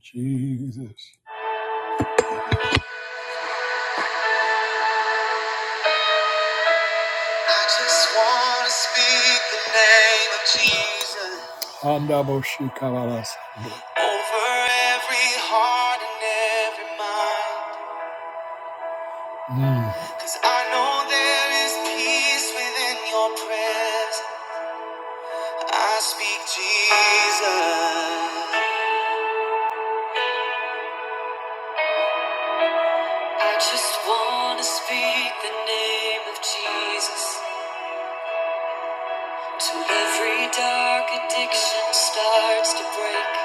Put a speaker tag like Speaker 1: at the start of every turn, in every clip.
Speaker 1: Jesus. I just want to speak the name of Jesus Handaboshikalarasande. over every heart and every mind. Cause I know there is peace within your presence. I speak Jesus. I just want to speak the name of Jesus till every dark addiction starts to break.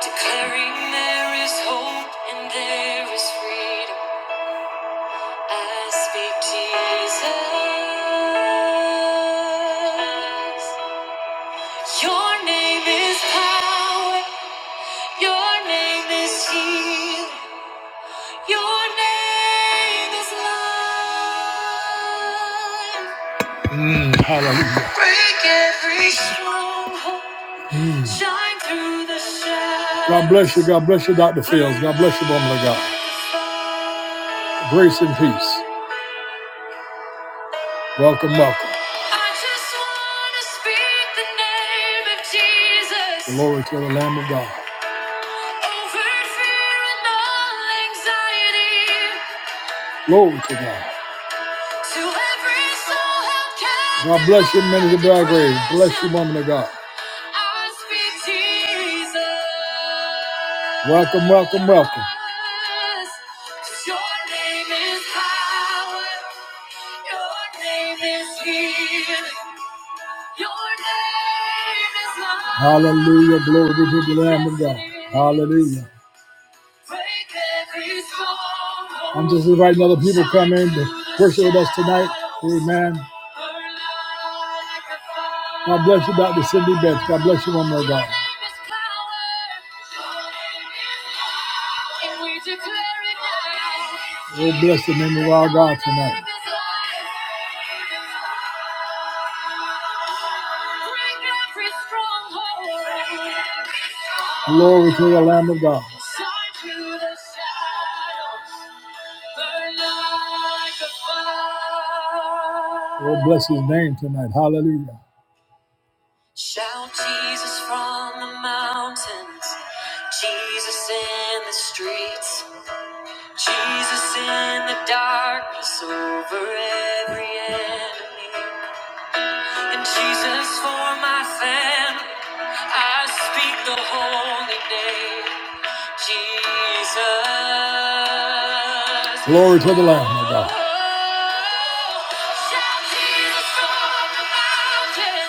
Speaker 1: Declaring there is hope and there is freedom. I speak Jesus. Your name is power. Your name is healing. Your name is love. Mm, Hallelujah. Break every stronghold. Shine through the shadows. God bless you. God bless you, Dr. Fields. God bless you, woman of God. Grace and peace. Welcome, welcome. I just want to speak the name of Jesus. Glory to the Lamb of God. Over fear and all anxiety. Glory to God. To every soul held captive. God bless you, men of the Black Graves. Bless you, woman of God. I speak Jesus. Welcome, welcome, welcome. 'Cause Your name is power. Your name is healing. Your name is love. Hallelujah. Glory to the Lamb of God. Hallelujah. I'm just inviting other people to come in to worship with us tonight. Amen. God bless you, Dr. Cindy Betts. God bless you one more time. we bless the name of our God tonight. Glory to the Lamb of God. Oh, bless his name tonight. Hallelujah. Shout Jesus from the mountains, Jesus in the streets, Jesus in the darkness over every enemy. And Jesus for my family, I speak the holy name, Jesus. Glory to the Lamb, my God. Shout Jesus from the mountain,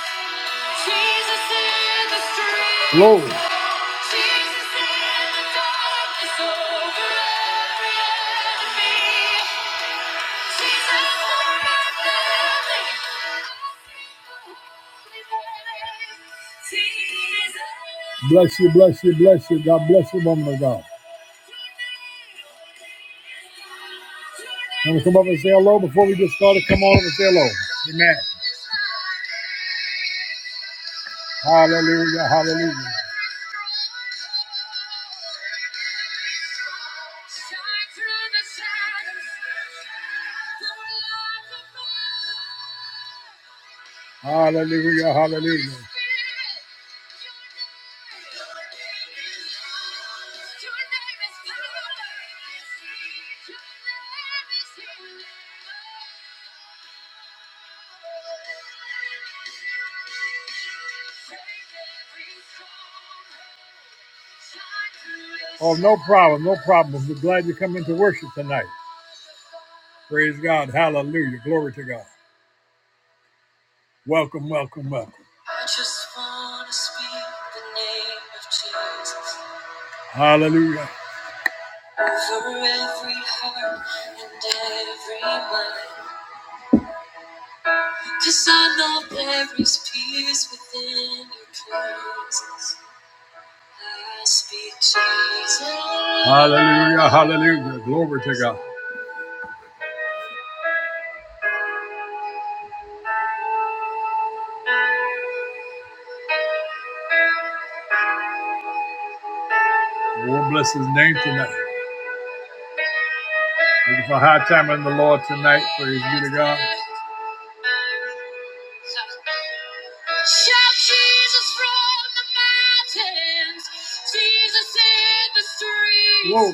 Speaker 1: Jesus in the street. Glory. Jesus in the darkness over every enemy. Bless you, bless you, bless you. God bless you, woman of God. You Want to come up and say hello before we get started? Come on up and say hello. Amen. Hallelujah. Hallelujah. Hallelujah, hallelujah. Oh, no problem, no problem. We're glad you come into worship tonight. Praise God. Hallelujah. Glory to God. Welcome, welcome, welcome. I just want to speak the name of Jesus. Hallelujah. Over every heart and every mind. Because I know there is peace within your presence. I speak Jesus. Hallelujah, hallelujah. Glory to God. Lord bless his name tonight. Looking for a high time in the Lord tonight. Praise be to God. Shout Jesus from the mountains, Jesus in the streets, Whoa.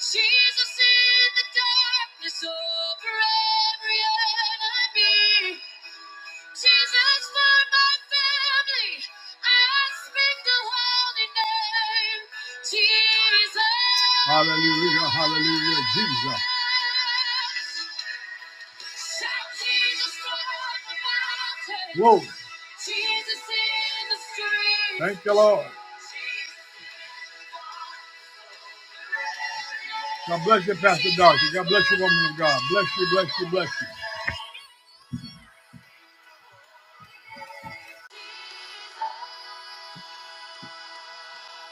Speaker 1: Jesus in the darkness over every enemy, Jesus for my family. I speak the holy name, Jesus. Hallelujah, hallelujah, Jesus. Whoa. Thank you, Lord. God bless you, Pastor Dorothy. God bless you, woman of God. Bless you, bless you, bless you.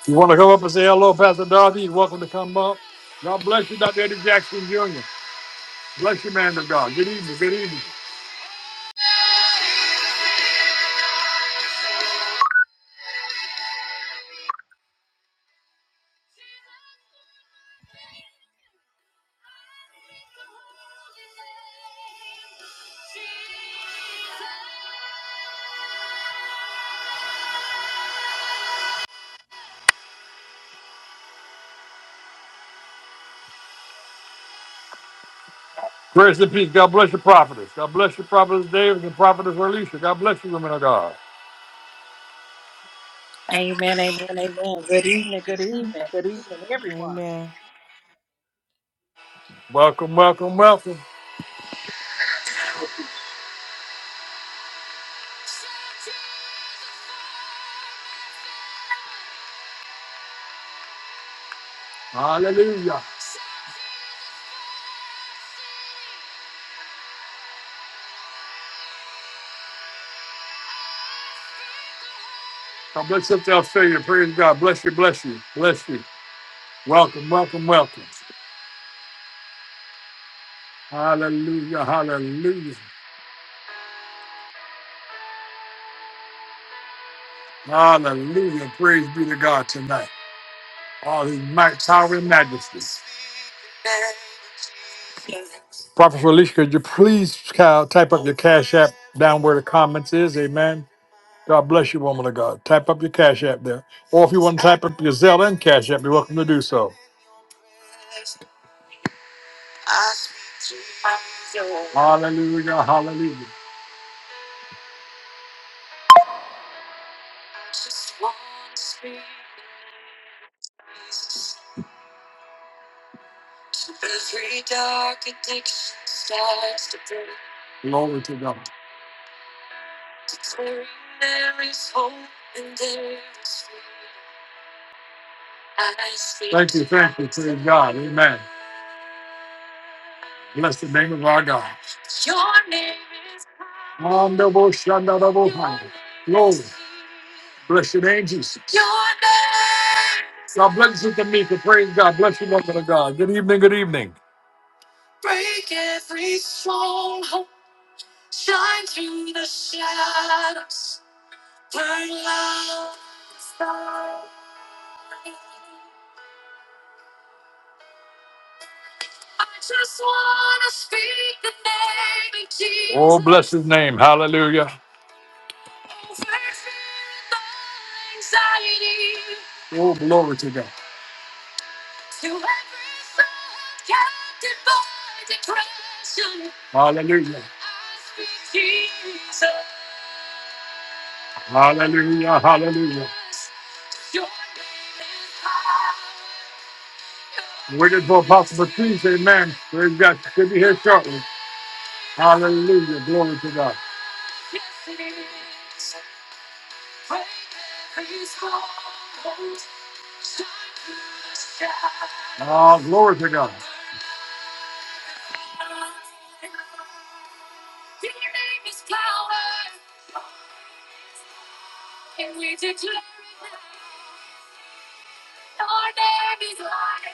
Speaker 1: You want to come up and say hello, Pastor Dorothy? You're welcome to come up. God bless you, Dr. Eddie Jackson Jr. Bless you, man of God. Good evening, good evening. Grace and peace. God bless your prophetess. God bless your prophetess David and prophetess Alicia. God bless you, women of God.
Speaker 2: Amen, amen, amen. Good evening, good evening, good evening, everyone.
Speaker 3: Amen.
Speaker 1: Welcome, welcome, welcome. Hallelujah. God bless you, to Australia. Praise God. Bless you, bless you, bless you. Welcome, welcome, welcome. Hallelujah, hallelujah, hallelujah. Praise be to God tonight. All his might, power, and majesty. Prophet Alicia, could you please uh, type up your cash app down where the comments is? Amen. God bless you, woman of God. Type up your Cash App there. Or if you want to type up your Zelle and Cash App, you're welcome to do so. Hallelujah, hallelujah. Glory to God. Thank you, thank you, praise God. Amen. Bless the name of our God. Mandobo Shandadabo Hana. Glory. Bless your name, Jesus. God bless you, Tamika. Praise God. Bless you, Mother of God. Good evening. Good evening. Oh, bless his name. Hallelujah. Oh, glory to God. Hallelujah. Hallelujah. Hallelujah. Waited for Apostle Patrice. Amen. Praise God. She'll be here shortly. Hallelujah. Glory to God. Oh, glory to God. Your name is power, and we declare it now. Your name is light.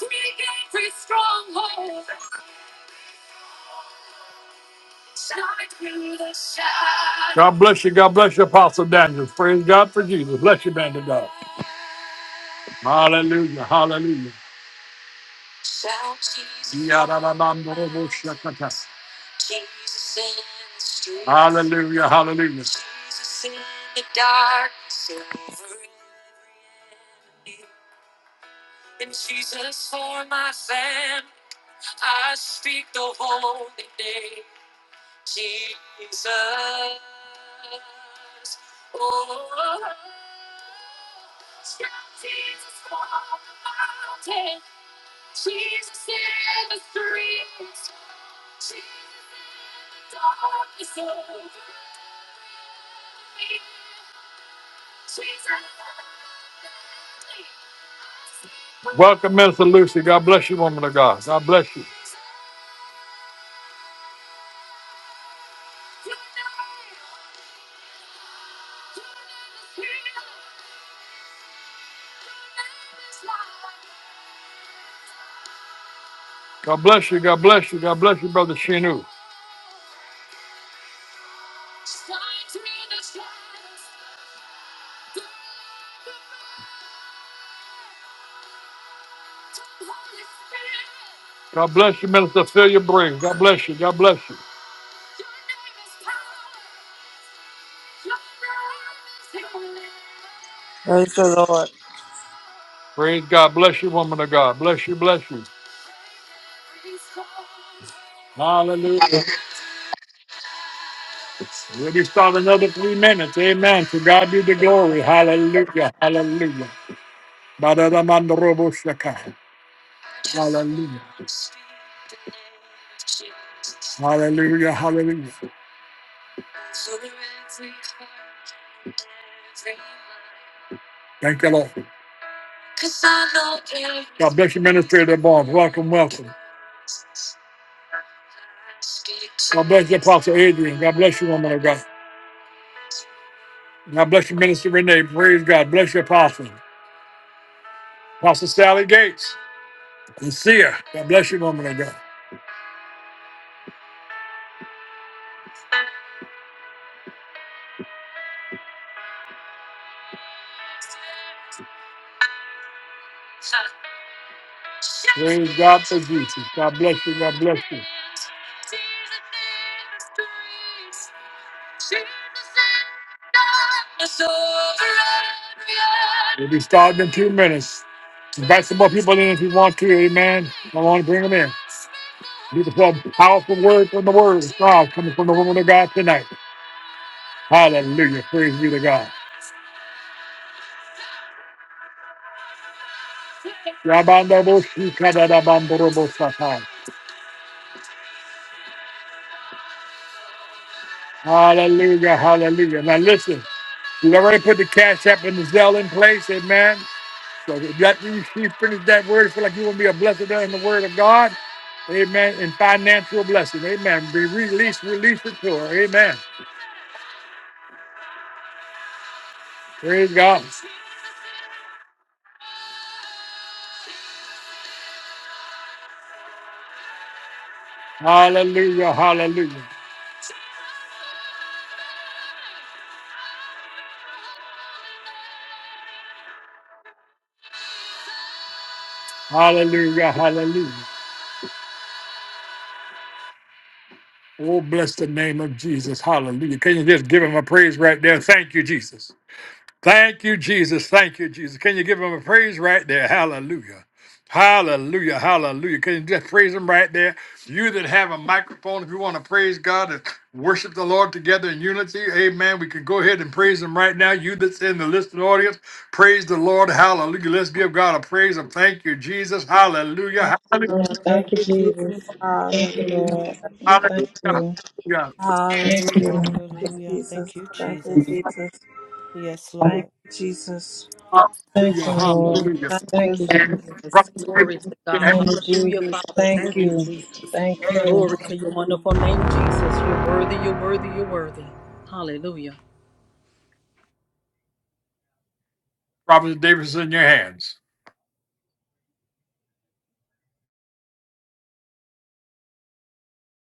Speaker 1: We gain free stronghold. Shine through the shadow. God bless you. God bless you, Apostle Daniel. Praise God for Jesus. Bless you, man of God. Hallelujah. Hallelujah. Shout Jesus. Yadadadamdoroboshakata. Jesus in the street. Hallelujah, hallelujah. Jesus in the dark, silver in the And Jesus for my fam, I speak the holy name, Jesus. Oh, Jesus for my fam, Jesus in the streets, Jesus in the darkness over me, Jesus. Welcome, Minister Lucy. God bless you, woman of God. God bless you. God bless you. God bless you. God bless you, Brother Shinu. God bless you, Minister. Fill your brain. God bless you. God bless you.
Speaker 4: Praise the Lord.
Speaker 1: Praise God. Bless you, woman of God. Bless you. Bless you. Hallelujah. We'll be starting another three minutes. Amen. To God be the glory. Hallelujah. Hallelujah. Badadamandorobo shaka. Hallelujah. Hallelujah. Hallelujah. Thank you, Lord. God bless you, Minister Barnes. Welcome, welcome. God bless you, Apostle Adrian. God bless you, woman of God. God bless you, Minister Renee. Praise God. Bless you, Apostle. Apostle Sally Gates. Sincere. God bless you, woman of God. Praise God for Jesus. God bless you. God bless you. We'll be starting in two minutes. Invite some more people in if you want to. Amen. I want to bring them in. Beautiful, powerful word from the word of God coming from the woman of God tonight. Hallelujah. Praise be to God. Rabandabo shikadadabandorobo Hallelujah, hallelujah. Now listen, we already put the cash app and the Zell in place, amen. So if that you you finish that word, feel like you want to be a blessing there in the word of God, amen, and financial blessing, amen. Be released, release it to her, amen. Praise God. Hallelujah, hallelujah, hallelujah, hallelujah. Oh, bless the name of Jesus, hallelujah. Can you just give him a praise right there? Thank you, Jesus. Thank you, Jesus. Thank you, Jesus. Can you give him a praise right there? Hallelujah. Hallelujah. Hallelujah. Can you just praise him right there? You that have a microphone, if you want to praise God and worship the Lord together in unity, amen. We can go ahead and praise him right now. You that's in the listening audience, praise the Lord. Hallelujah. Let's give God a praise and thank you, Jesus.
Speaker 4: Thank
Speaker 1: Hallelujah.
Speaker 4: you,
Speaker 1: Hallelujah.
Speaker 5: Oh,
Speaker 4: Lord. Thank
Speaker 5: Thank you,
Speaker 4: you, Jesus.
Speaker 5: Jesus. Thank you,
Speaker 4: Hallelujah.
Speaker 5: Lord.
Speaker 4: Thank you.
Speaker 5: Thank
Speaker 1: Hallelujah.
Speaker 5: you. Thank
Speaker 4: Hallelujah.
Speaker 5: you.
Speaker 4: Thank you,
Speaker 3: Hallelujah.
Speaker 4: Jesus.
Speaker 3: Thank you,
Speaker 4: Thank you,
Speaker 3: Jesus.
Speaker 4: Jesus.
Speaker 3: Yes,
Speaker 4: Thank
Speaker 3: Lord.
Speaker 4: you, Jesus.
Speaker 5: Thank
Speaker 1: Hallelujah.
Speaker 5: you, Lord.
Speaker 1: Hallelujah.
Speaker 4: Thank
Speaker 5: Thank
Speaker 4: you.
Speaker 5: you, Jesus.
Speaker 2: Yes, glory to
Speaker 1: Hallelujah.
Speaker 2: God.
Speaker 5: Name of
Speaker 2: Hallelujah,
Speaker 5: Jesus.
Speaker 2: Father.
Speaker 5: Thank
Speaker 2: Thank you,
Speaker 5: you.
Speaker 2: Jesus.
Speaker 5: Thank you.
Speaker 2: Glory to your wonderful name, Jesus. You're worthy, you're worthy, you're worthy. Hallelujah.
Speaker 1: Prophet Davis is in your hands.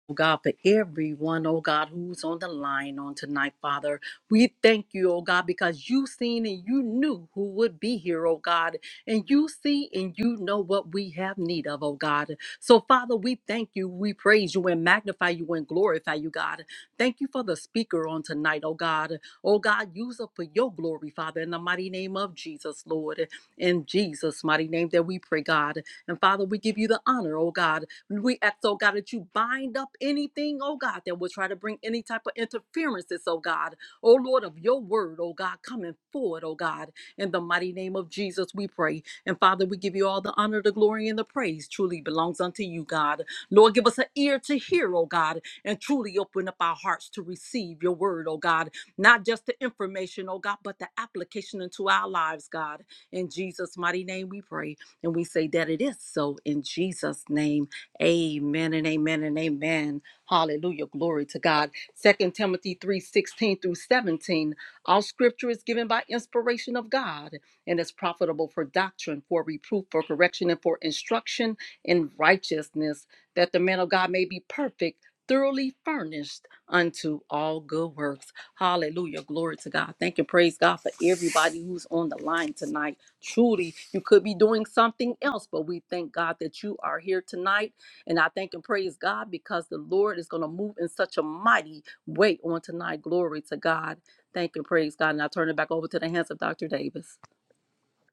Speaker 2: Oh God, for everyone, oh God, who's on the line on tonight, Father. We thank you, oh God, because you seen and you knew who would be here, oh God. And you see and you know what we have need of, oh God. So, Father, we thank you, we praise you and magnify you and glorify you, God. Thank you for the speaker on tonight, oh God. Oh God, use her for your glory, Father, in the mighty name of Jesus, Lord. In Jesus' mighty name that we pray, God. And Father, we give you the honor, oh God. We ask, oh God, that you bind up anything, oh God, that will try to bring any type of interferences, oh God. Oh Lord, of your word, oh God, coming forward, oh God. In the mighty name of Jesus, we pray. And Father, we give you all the honor, the glory, and the praise truly belongs unto you, God. Lord, give us an ear to hear, oh God, and truly open up our hearts to receive your word, oh God. Not just the information, oh God, but the application into our lives, God. In Jesus' mighty name, we pray. And we say that it is so in Jesus' name. Amen and amen and amen. Hallelujah. Glory to God. Second Timothy 3 16 through 17. All scripture is given by inspiration of God and is profitable for doctrine, for reproof, for correction, and for instruction in righteousness, that the man of God may be perfect, thoroughly furnished unto all good works. Hallelujah. Glory to God. Thank and praise God for everybody who's on the line tonight. Truly, you could be doing something else, but we thank God that you are here tonight and I thank and praise God because the Lord is going to move in such a mighty way on tonight. Glory to God. Thank and praise God. And I turn it back over to the hands of Dr. Davis.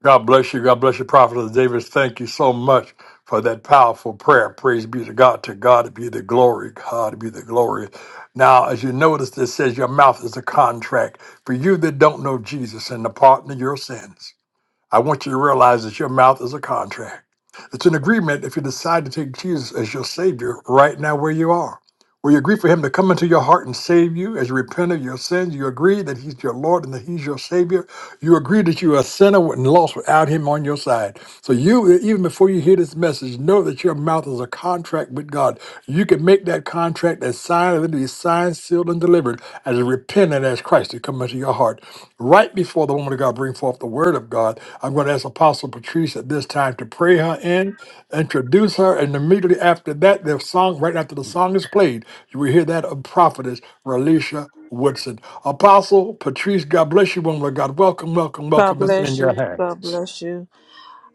Speaker 1: God bless you. God bless you, Prophet Davis. Thank you so much for that powerful prayer. Praise be to God. To God be the glory. God be the glory. Now, as you notice, it says your mouth is a contract for you that don't know Jesus and the pardon of your sins. I want you to realize that your mouth is a contract. It's an agreement if you decide to take Jesus as your Savior right now where you are. Where you agree for Him to come into your heart and save you as you repent of your sins, you agree that He's your Lord and that He's your Savior. You agree that you are a sinner and lost without Him on your side. So, you, even before you hear this message, know that your mouth is a contract with God. You can make that contract that sign, and it'll be signed, sealed, and delivered as a repentant as Christ. Christ to come into your heart. Right before the woman of God bring forth the word of God, I'm going to ask Apostle Patrice at this time to pray her in, introduce her, and immediately after that, the song, right after the song is played, you will hear that of prophetess Relisha Woodson. Apostle Patrice, God bless you, woman of God. Welcome, welcome,
Speaker 4: God
Speaker 1: welcome. It's
Speaker 4: bless
Speaker 1: in your
Speaker 4: you.
Speaker 1: hand.
Speaker 4: God bless you.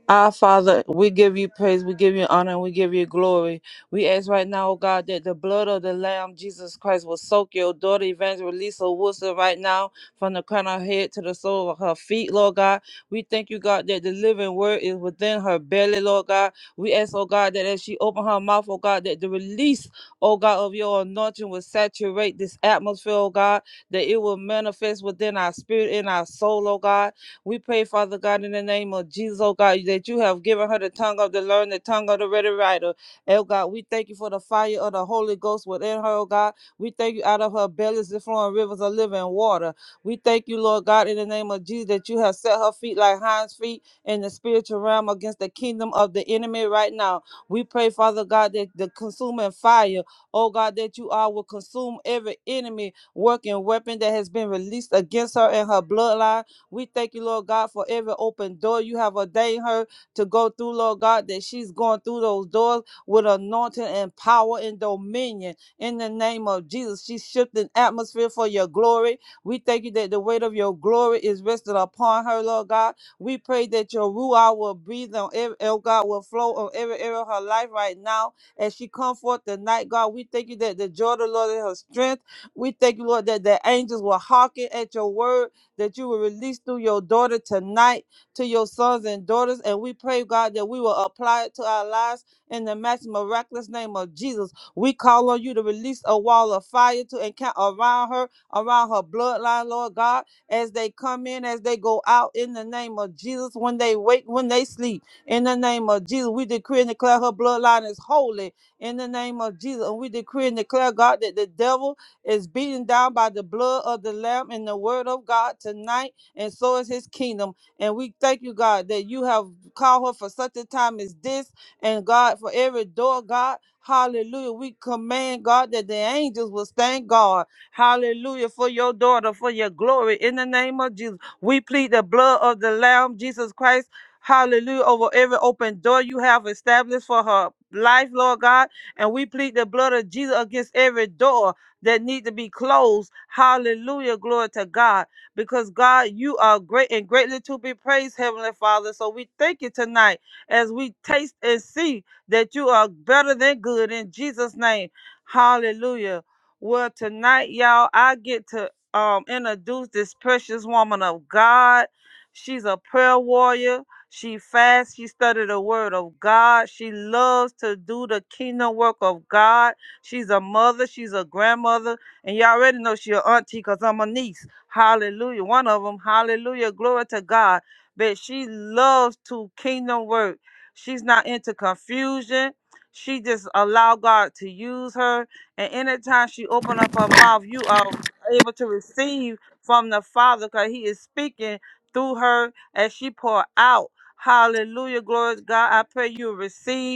Speaker 4: Our Father, we give you praise, we give you honor, and we give you glory. We ask right now, oh God, that the blood of the Lamb, Jesus Christ, will soak your daughter, Evangelista Wilson, right now, from the crown of her head to the sole of her feet, Lord God. We thank you, God, that the living word is within her belly, Lord God. We ask, oh God, that as she open her mouth, oh God, that the release, oh God, of your anointing will saturate this atmosphere, oh God, that it will manifest within our spirit and our soul, oh God we pray, Father God, in the name of Jesus, oh God, that you have given her the tongue of the learned, the tongue of the ready writer. Oh God, we thank you for the fire of the Holy Ghost within her, oh God. We thank you out of her belly is flowing rivers of living water. We thank you, Lord God, in the name of Jesus, that you have set her feet like hinds feet in the spiritual realm against the kingdom of the enemy right now. We pray, Father God, that the consuming fire, oh God, that you are will consume every enemy working weapon that has been released against her and her bloodline we thank you, Lord God, for every open door you have ordained her to go through, Lord God, that she's going through those doors with anointing and power and dominion. In the name of Jesus, she's shifting atmosphere for your glory. We thank you that the weight of your glory is rested upon her, Lord God. We pray that your ruah will breathe on every, oh God, will flow on every area of her life right now. As she come forth tonight, God, we thank you that the joy of the Lord is her strength. We thank you, Lord, that the angels will hearken at your word that you will release through your daughter tonight to your sons and daughters. And we pray, God, that we will apply it to our lives in the mighty, miraculous name of Jesus. We call on you to release a wall of fire to encamp around her, around her bloodline, Lord God, as they come in, as they go out in the name of Jesus, when they wake, when they sleep. In the name of Jesus, we decree and declare her bloodline is holy in the name of Jesus. And we decree and declare, God, that the devil is beaten down by the blood of the Lamb and the word of God tonight, and so is his kingdom. And we thank you, God, that you have called her for such a time as this, and God, for every door, God. Hallelujah. We command, God, that the angels will stand guard. Hallelujah. For your daughter, for your glory. In the name of Jesus, we plead the blood of the Lamb, Jesus Christ. Hallelujah. Over every open door you have established for her life, Lord God. And we plead the blood of Jesus against every door that need to be closed. Hallelujah. Glory to God. Because God, you are great and greatly to be praised, Heavenly Father. So we thank you tonight as we taste and see that you are better than good in Jesus' name. Hallelujah. Well, tonight, y'all, I get to um introduce this precious woman of God. She's a prayer warrior. She fasts. She studied the word of God. She loves to do the kingdom work of God. She's a mother. She's a grandmother. And you already know she an auntie because I'm a niece. Hallelujah. One of them. Hallelujah. Glory to God. But she loves to kingdom work. She's not into confusion. She just allow God to use her. And anytime she open up her mouth, you are able to receive from the Father because he is speaking through her as she pour out. Hallelujah. Glory to God. I pray you receive.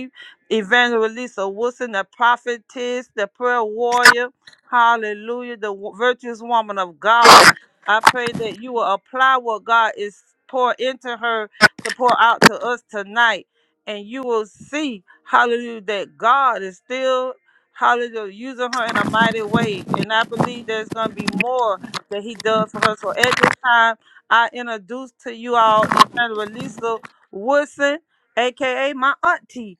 Speaker 4: Evangelist Wilson, the prophetess, the prayer warrior, hallelujah, the wo- virtuous woman of God. I pray that you will apply what God is pour into her to pour out to us tonight. And you will see, hallelujah, that God is still, hallelujah, using her in a mighty way. And I believe there's going to be more that he does for her. So at this time, I introduce to you all Evangelist Wilson, aka my auntie.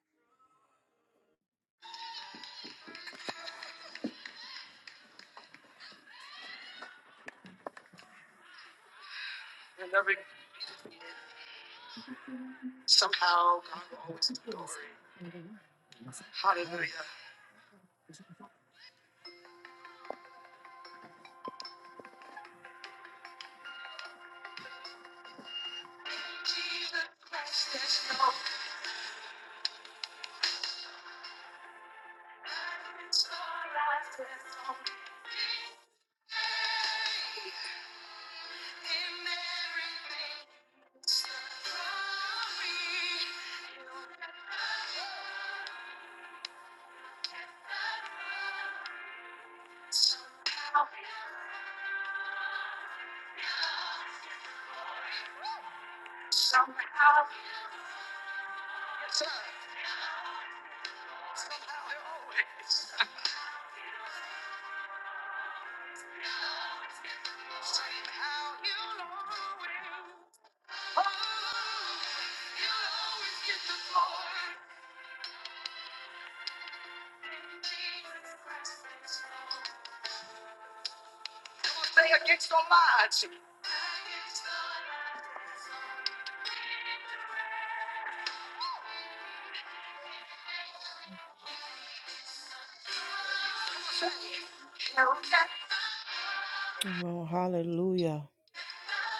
Speaker 3: Well, hallelujah.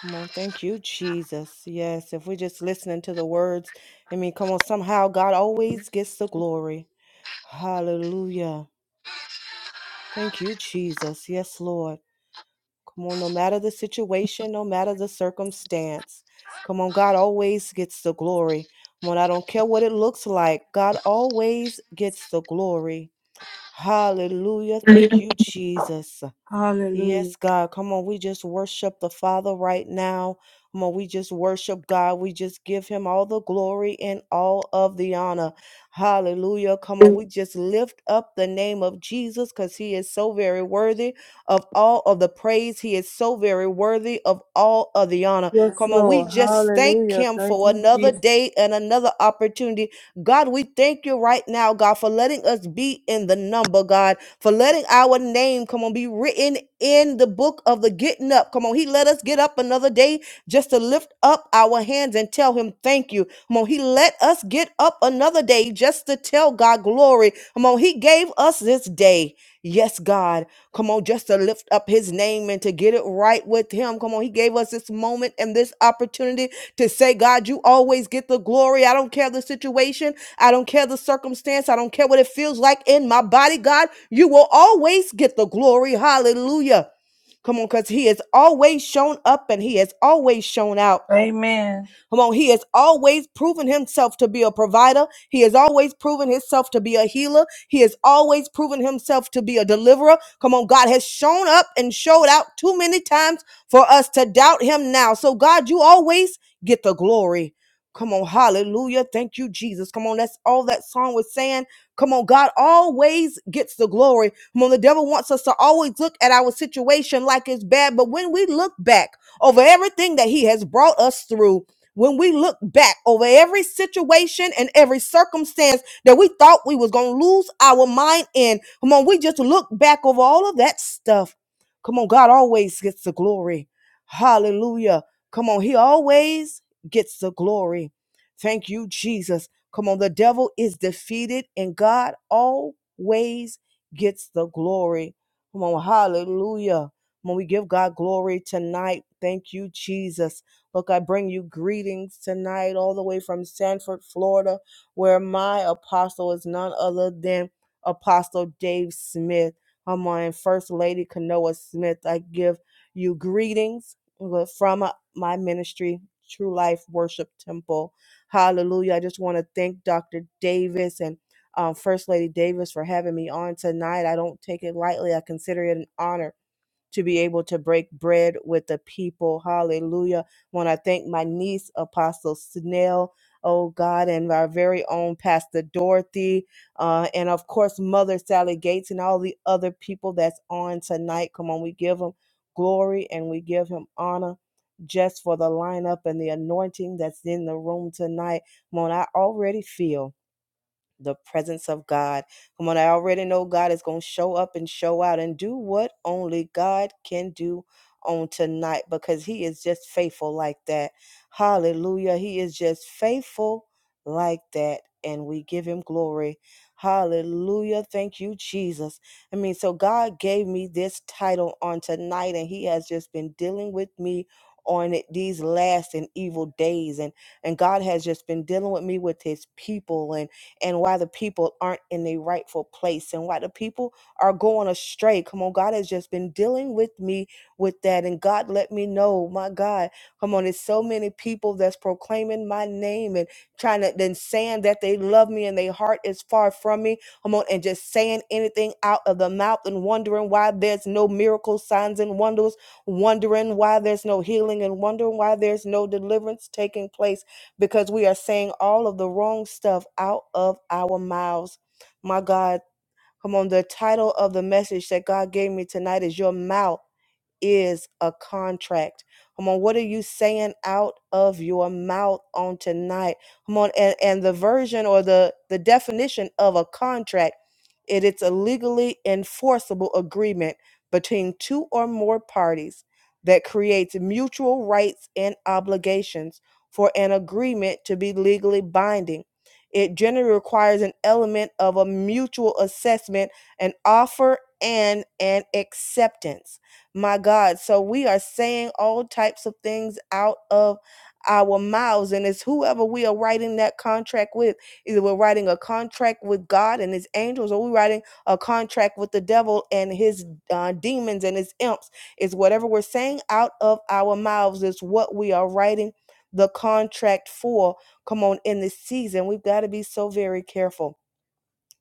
Speaker 3: Come on, thank you, Jesus. Yes, if we're just listening to the words, I mean, come on, somehow God always gets the glory. Hallelujah. Thank you, Jesus. Yes, Lord. Come on, no matter the situation, no matter the circumstance, come on, God always gets the glory. Come on, I don't care what it looks like, God always gets the glory. Hallelujah. Thank you, Jesus.
Speaker 4: Hallelujah.
Speaker 3: Yes, God. Come on, we just worship the Father right now. Come on, we just worship God. We just give him all the glory and all of the honor. Hallelujah. Come on, we just lift up the name of Jesus because he is so very worthy of all of the praise. He is so very worthy of all of the honor.
Speaker 4: Yes,
Speaker 3: Come on, we
Speaker 4: Lord.
Speaker 3: just thank
Speaker 4: Hallelujah.
Speaker 3: him
Speaker 4: Thank
Speaker 3: for
Speaker 4: you,
Speaker 3: another
Speaker 4: Jesus.
Speaker 3: day and another opportunity. God, we thank you right now, God, for letting us be in the number, God for letting our name, come on, be written in the book of the getting up. Come on, He let us get up another day just to lift up our hands and tell Him thank you. Come on, He let us get up another day just to tell God glory. Come on, He gave us this day. Yes, God. Come on, just to lift up His name and to get it right with Him. Come on, He gave us this moment and this opportunity to say, God, you always get the glory. I don't care the situation. I don't care the circumstance. I don't care what it feels like in my body, God. You will always get the glory. Hallelujah. Come on, because He has always shown up and He has always shown out.
Speaker 4: Amen.
Speaker 3: Come on, he has always proven himself to be a provider. He has always proven himself to be a healer. He has always proven himself to be a deliverer. Come on, God has shown up and showed out too many times for us to doubt him now. So, God, you always get the glory. Come on, hallelujah. Thank you, Jesus. Come on, that's all that song was saying. Come on, God always gets the glory. Come on, the devil wants us to always look at our situation like it's bad, but when we look back over everything that he has brought us through, when we look back over every situation and every circumstance that we thought we was gonna lose our mind in, come on, we just look back over all of that stuff. Come on, God always gets the glory. Hallelujah. Come on, He always gets the glory. Thank you, Jesus. Come on, the devil is defeated and God always gets the glory. Come on, hallelujah. Come on, we give God glory tonight. Thank you, Jesus. Look, I bring you greetings tonight, all the way from Sanford, Florida, where my apostle is none other than Apostle Dave Smith. Come on, and First Lady Kanoa Smith. I give you greetings from uh, my ministry, True Life Worship Temple. Hallelujah. I just want to thank Dr. Davis and um, First Lady Davis for having me on tonight. I don't take it lightly. I consider it an honor to be able to break bread with the people. Hallelujah. Want to thank my niece, Apostle Snell. Oh God, and our very own Pastor Dorothy, uh, and of course, Mother Sally Gates, and all the other people that's on tonight. Come on, we give them glory and we give him honor just for the lineup and the anointing that's in the room tonight. Come on, I already feel the presence of God. Come on, I already know God is going to show up and show out and do what only God can do on tonight because He is just faithful like that. Hallelujah. He is just faithful like that. And we give Him glory. Hallelujah. Thank you, Jesus. I mean, so God gave me this title on tonight, and He has just been dealing with me on it these last and evil days and and God has just been dealing with me with his people and and why the people aren't in the rightful place and why the people are going astray. Come on, God has just been dealing with me with that. And God let me know, my God, come on, there's so many people that's proclaiming my name and trying to then saying that they love me and their heart is far from me. Come on, and just saying anything out of the mouth and wondering why there's no miracle signs and wonders, wondering why there's no healing and wondering why there's no deliverance taking place because we are saying all of the wrong stuff out of our mouths. My God, come on. The title of the message that God gave me tonight is Your Mouth is a contract. Come on, what are you saying out of your mouth on tonight? Come on, and, and the version or the, the definition of a contract, it, it's a legally enforceable agreement between two or more parties that creates mutual rights and obligations for an agreement to be legally binding. It generally requires an element of a mutual assessment, an offer, and an acceptance my God. So we are saying all types of things out of our mouths. And it's whoever we are writing that contract with. Either we're writing a contract with God and his angels, or we're writing a contract with the devil and his uh, demons and his imps. It's whatever we're saying out of our mouths, is what we are writing the contract for. Come on, in this season, we've got to be so very careful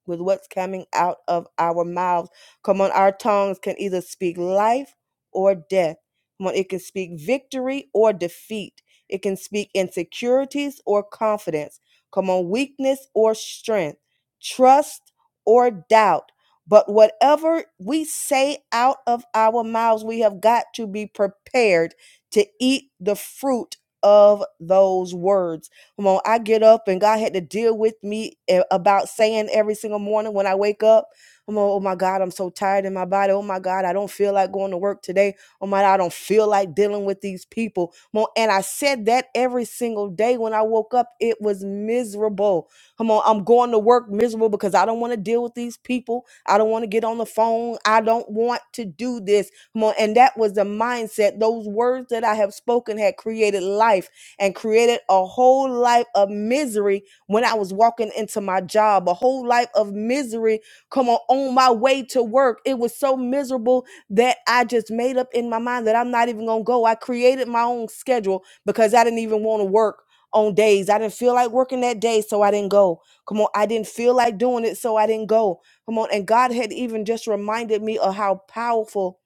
Speaker 3: with what's coming out of our mouths. Come on, our tongues can either speak life or death. Come on, it can speak victory or defeat. It can speak insecurities or confidence. Come on, weakness or strength, trust or doubt. But whatever we say out of our mouths, we have got to be prepared to eat the fruit of those words Come on, I get up and God had to deal with me a- about saying every single morning when I wake up, Come on, oh my God, I'm so tired in my body. Oh my God, I don't feel like going to work today. Oh my God, I don't feel like dealing with these people. Come on, and I said that every single day when I woke up. It was miserable. Come on, I'm going to work miserable because I don't want to deal with these people. I don't want to get on the phone. I don't want to do this. Come on, and that was the mindset. Those words that I have spoken had created life and created a whole life of misery when I was walking into my job, a whole life of misery. Come on, on my way to work, it was so miserable that I just made up in my mind that I'm not even gonna go. I created my own schedule because I didn't even want to work on days. I didn't feel like working that day, so I didn't go. Come on, I didn't feel like doing it, so I didn't go. Come on, and God had even just reminded me of how powerful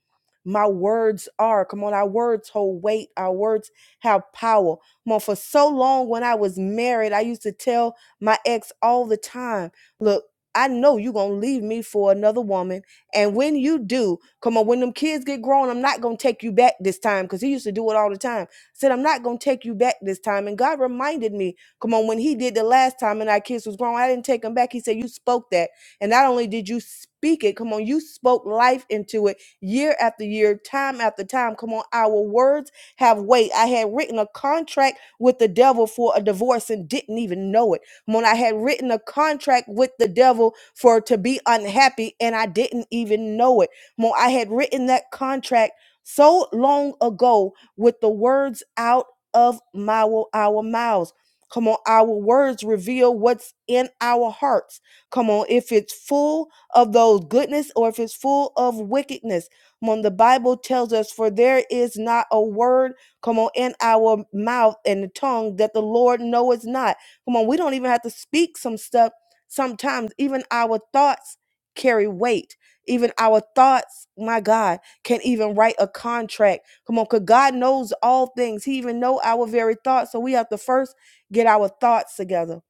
Speaker 3: my words are. Come on, our words hold weight, our words have power on for so long when I was married. I used to tell my ex all the time, look, I know you're gonna leave me for another woman. And when you do, come on, when them kids get grown, I'm not gonna take you back this time. Cause he used to do it all the time. I said, I'm not gonna take you back this time. And God reminded me, come on, when he did the last time and our kids was grown, I didn't take him back. He said, You spoke that. And not only did you speak it, come on, you spoke life into it year after year, time after time. Come on, our words have weight. I had written a contract with the devil for a divorce and didn't even know it. When I had written a contract with the devil for to be unhappy and I didn't even know it. When I had written that contract so long ago with the words out of my our mouths. Come on, our words reveal what's in our hearts. Come on, if it's full of those goodness or if it's full of wickedness. When the Bible tells us, for there is not a word, come on, in our mouth and the tongue that the Lord knoweth not. Come on, we don't even have to speak some stuff. Sometimes even our thoughts carry weight. Even our thoughts, my God, can even write a contract. Come on, because God knows all things. He even know our very thoughts. So we have to first get our thoughts together.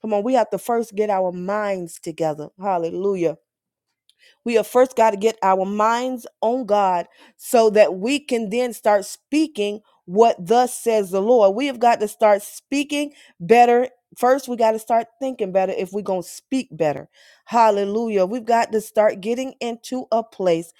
Speaker 3: Come on, we have to first get our minds together. Hallelujah. We have first got to get our minds on God so that we can then start speaking what thus says the Lord. We have got to start speaking better. First, we got to start thinking better if we're going to speak better. Hallelujah. We've got to start getting into a place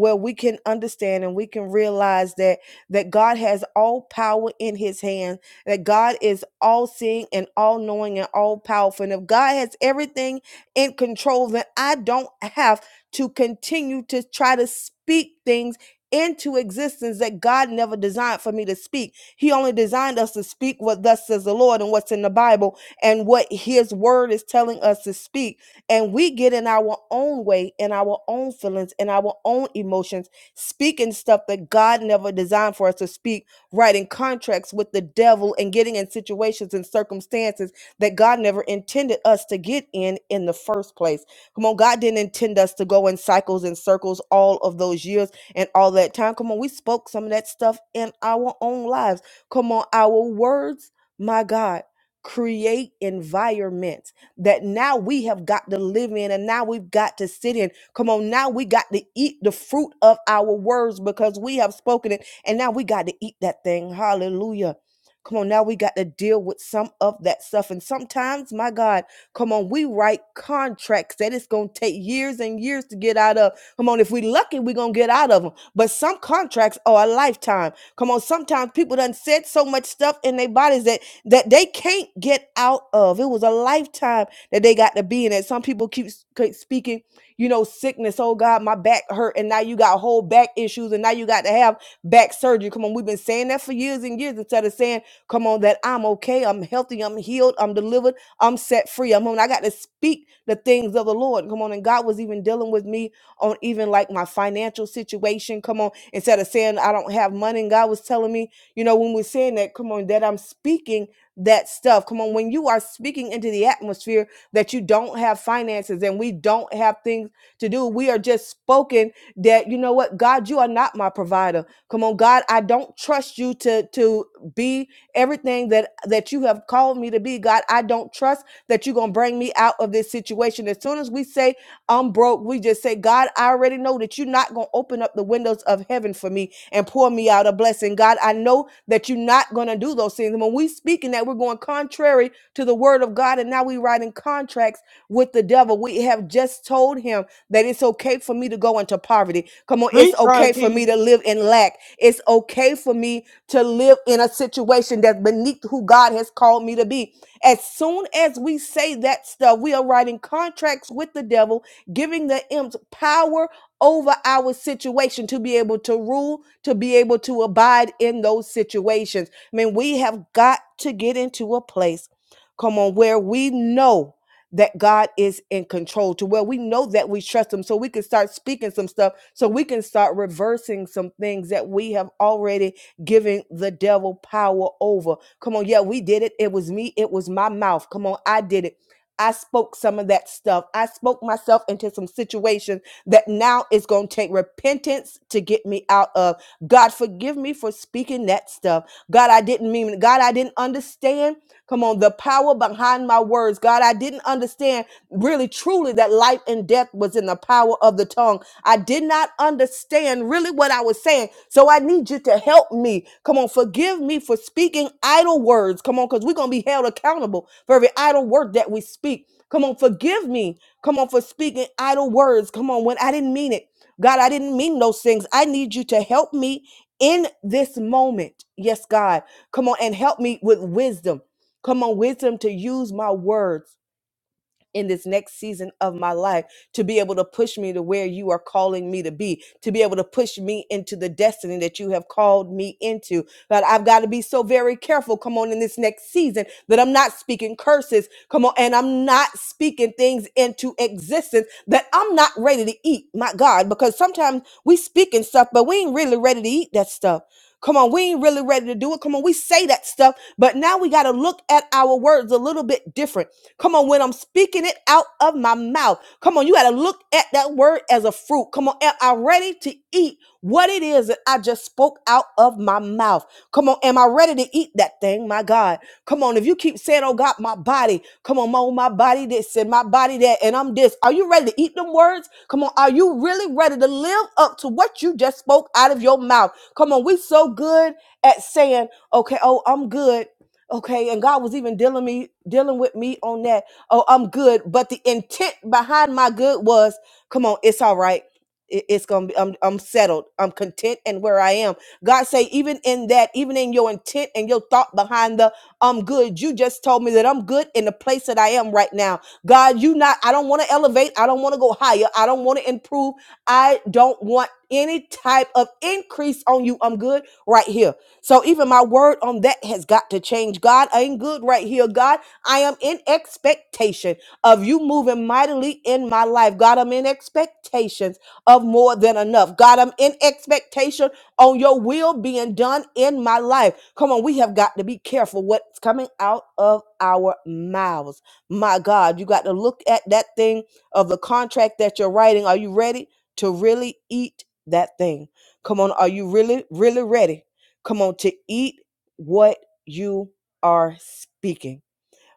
Speaker 3: where we can understand and we can realize that that God has all power in his hand, that God is all seeing and all knowing and all powerful. And if God has everything in control, then I don't have to continue to try to speak things into existence that God never designed for me to speak. He only designed us to speak what thus says the Lord and what's in the Bible and what his word is telling us to speak. And we get in our own way, in our own feelings, in our own emotions, speaking stuff that God never designed for us to speak, writing contracts with the devil and getting in situations and circumstances that God never intended us to get in in the first place. Come on, God didn't intend us to go in cycles and circles all of those years and all that time. Come on, we spoke some of that stuff in our own lives. Come on, our words, my God, create environments that now we have got to live in and now we've got to sit in. Come on, now we got to eat the fruit of our words because we have spoken it and now we got to eat that thing. Hallelujah. Come on, now we got to deal with some of that stuff. And sometimes, my God, Come on, we write contracts that it's going to take years and years to get out of. Come on, if we lucky, we are going to get out of them. But some contracts are a lifetime. Come on, sometimes people done said so much stuff in their bodies that that they can't get out of. It was a lifetime that they got to be in it. Some people keep, keep speaking, you know, sickness. Oh God, my back hurt, and now you got whole back issues, and now you got to have back surgery. Come on, we've been saying that for years and years instead of saying, "Come on, that I'm okay, I'm healthy, I'm healed, I'm delivered." I'm set free. I'm on. I got to speak the things of the Lord. Come on. And God was even dealing with me on even like my financial situation. Come on. Instead of saying I don't have money, and God was telling me, you know, when we're saying that, come on, that I'm speaking that stuff. Come on. When you are speaking into the atmosphere that you don't have finances and we don't have things to do, we are just spoken that, you know what, God, you are not my provider. Come on, God, I don't trust you to to be everything that that you have called me to be god i don't trust that you're gonna bring me out of this situation as soon as we say i'm broke we just say god i already know that you're not gonna open up the windows of heaven for me and pour me out a blessing god i know that you're not gonna do those things and when we speaking that we're going contrary to the word of god and now we writing contracts with the devil we have just told him that it's okay for me to go into poverty come on it's
Speaker 4: Preach,
Speaker 3: okay for
Speaker 4: Auntie.
Speaker 3: me to live in lack it's okay for me to live in a situation that's beneath who God has called me to be. As soon as we say that stuff, we are writing contracts with the devil, giving the imps power over our situation to be able to rule, to be able to abide in those situations. I mean, we have got to get into a place, come on, where we know that God is in control, to where we know that we trust Him, so we can start speaking some stuff, so we can start reversing some things that we have already giving the devil power over. Come on, yeah, we did it. It was me, it was my mouth. Come on, I did it. I spoke some of that stuff. I spoke myself into some situation that now it's going to take repentance to get me out of. God, forgive me for speaking that stuff. God, I didn't mean it. God, I didn't understand. Come on, the power behind my words. God, I didn't understand really truly that life and death was in the power of the tongue. I did not understand really what I was saying. So I need you to help me. Come on, forgive me for speaking idle words. Come on, because we're going to be held accountable for every idle word that we speak. Come on, forgive me. Come on, for speaking idle words. Come on, when I didn't mean it. God, I didn't mean those things. I need you to help me in this moment. Yes, God. Come on and help me with wisdom. Come on, wisdom to use my words in this next season of my life to be able to push me to where you are calling me to be, to be able to push me into the destiny that you have called me into. But I've got to be so very careful, come on, in this next season that I'm not speaking curses, come on, and I'm not speaking things into existence that I'm not ready to eat, my God, because sometimes we speaking stuff, but we ain't really ready to eat that stuff. Come on, we ain't really ready to do it. Come on, we say that stuff, but now we got to look at our words a little bit different Come on, when I'm speaking it out of my mouth. Come on, you got to look at that word as a fruit. Come on, am I ready to eat what it is that I just spoke out of my mouth? Come on, am I ready to eat that thing, my God? Come on, if you keep saying, oh God, my body, come on, oh, my body this and my body that, and I'm this, are you ready to eat them words? Come on, are you really ready to live up to what you just spoke out of your mouth? Come on, we so good at saying, okay, oh, I'm good okay and god was even dealing me dealing with me on that oh i'm good but the intent behind my good was come on it's all right It- it's gonna be I'm, I'm settled i'm content and where i am god say even in that even in your intent and your thought behind the i'm good you just told me that i'm good in the place that i am right now god you not i don't want to elevate i don't want to go higher i don't want to improve i don't want any type of increase on you i'm good right here so even my word on that has got to change. God, I ain't good right here. God, I am in expectation of you moving mightily in my life. God, I'm in expectations of more than enough. God, I'm in expectation on your will being done in my life. Come on, we have got to be careful what's coming out of our mouths. My God, you got to look at that thing of the contract that you're writing. Are you ready to really eat that thing? Come on, are you really, really ready? Come on, to eat what you are speaking.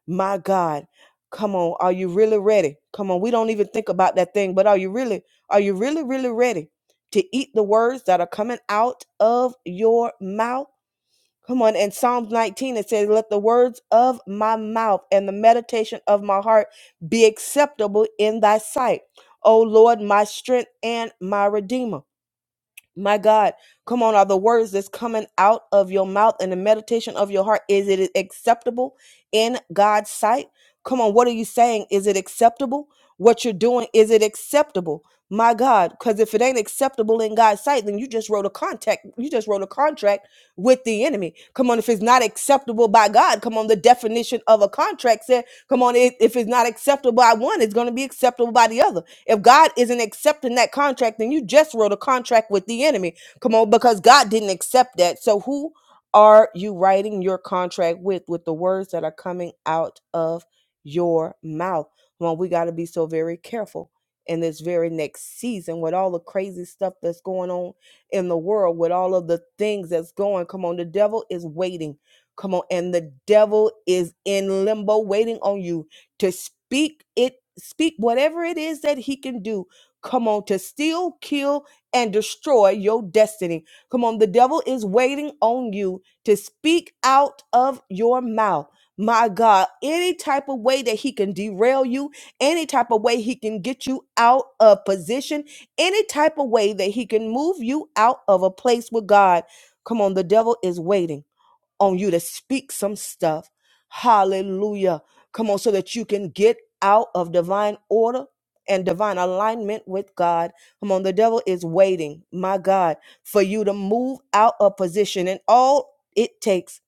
Speaker 3: My God. Come on. Are you really ready? Come on. We don't even think about that thing, but are you really, are you really, really ready to eat the words that are coming out of your mouth? Come on. In Psalms 19, it says, Let the words of my mouth and the meditation of my heart be acceptable in thy sight. O Lord, my strength and my redeemer. My God, come on, are the words that's coming out of your mouth and the meditation of your heart, is it acceptable in God's sight? Come on, what are you saying? Is it acceptable? What you're doing, is it acceptable? My God, because if it ain't acceptable in God's sight, then you just wrote a contract. You just wrote a contract with the enemy. Come on, if it's not acceptable by God, come on, the definition of a contract said, come on, if if it's not acceptable by one, it's going to be acceptable by the other. If God isn't accepting that contract, then you just wrote a contract with the enemy. Come on, because God didn't accept that. So who are you writing your contract with? With the words that are coming out of your mouth. Well, we got to be so very careful in this very next season with all the crazy stuff that's going on in the world, with all of the things that's going. Come on, the devil is waiting. Come on, and the devil is in limbo waiting on you to speak it, speak whatever it is that he can do. Come on, to steal, kill, and destroy your destiny. Come on, the devil is waiting on you to speak out of your mouth. My God, any type of way that he can derail you, any type of way he can get you out of position, any type of way that he can move you out of a place with God. Come on, the devil is waiting on you to speak some stuff. Hallelujah. Come on, so that you can get out of divine order and divine alignment with God. Come on, the devil is waiting, my God, for you to move out of position. And all it takes,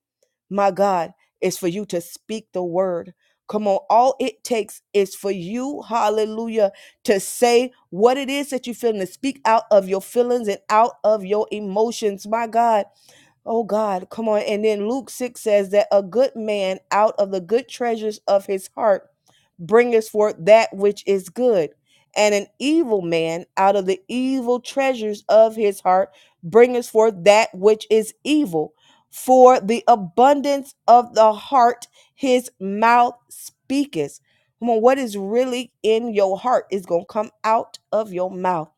Speaker 3: my God, is for you to speak the word. Come on, all it takes is for you, hallelujah, to say what it is that you feel and to speak out of your feelings and out of your emotions, my God. Oh God, come on. And then Luke 6 says that a good man out of the good treasures of his heart bringeth forth that which is good, and an evil man out of the evil treasures of his heart bringeth forth that which is evil. For the abundance of the heart his mouth speaketh. Come on, what is really in your heart is going to come out of your mouth.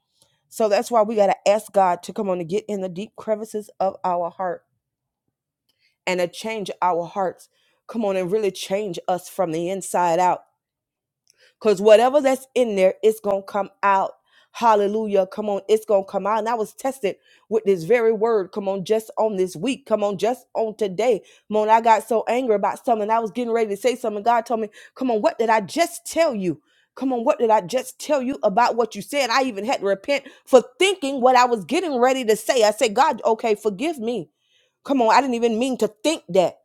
Speaker 3: So that's why we got to ask God to come on and get in the deep crevices of our heart and to change our hearts. Come on and really change us from the inside out because whatever that's in there, it's going to come out. Hallelujah. Come on, it's going to come out. And I was tested with this very word. Come on, just on this week. Come on, just on today. Come on, I got so angry about something. I was getting ready to say something. God told me, Come on, what did I just tell you? Come on, what did I just tell you about what you said? I even had to repent for thinking what I was getting ready to say. I said, God, okay, forgive me. Come on, I didn't even mean to think that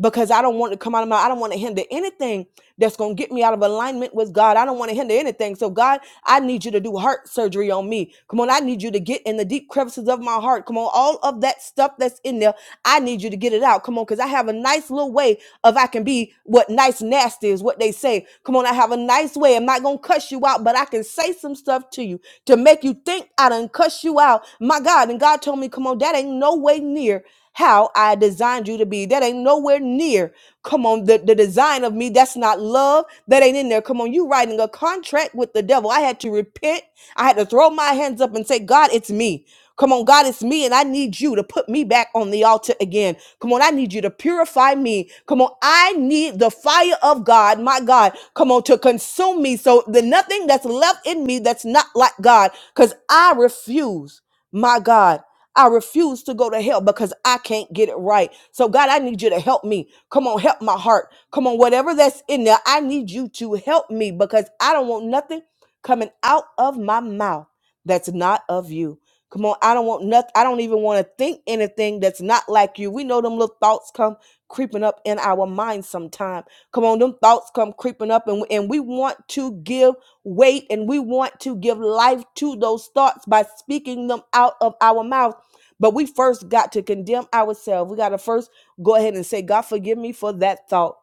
Speaker 3: because I don't want to come out of my, I don't want to hinder anything that's going to get me out of alignment with God. I don't want to hinder anything. So, God, I need you to do heart surgery on me. Come on, I need you to get in the deep crevices of my heart. Come on, all of that stuff that's in there, I need you to get it out. Come on, because I have a nice little way of I can be what nice nasty is what they say. Come on, I have a nice way. I'm not going to cuss you out, but I can say some stuff to you to make you think I done cuss you out. My God, and God told me, come on, that ain't no way near how I designed you to be. That ain't nowhere near Come on, the, the design of me, that's not love. That ain't in there. Come on, you writing a contract with the devil. I had to repent. I had to throw my hands up and say, God, it's me. Come on, God, it's me, and I need you to put me back on the altar again. Come on, I need you to purify me. Come on, I need the fire of God, my God, come on, to consume me so that nothing that's left in me that's not like God, because I refuse, my God. I refuse to go to hell because I can't get it right. So, God, I need you to help me. Come on, help my heart. Come on, whatever that's in there, I need you to help me because I don't want nothing coming out of my mouth that's not of you. Come on, I don't want nothing. I don't even want to think anything that's not like you. We know them little thoughts come creeping up in our minds sometime. Come on, them thoughts come creeping up, and, and we want to give weight and we want to give life to those thoughts by speaking them out of our mouth but we first got to condemn ourselves. We got to first go ahead and say, God, forgive me for that thought.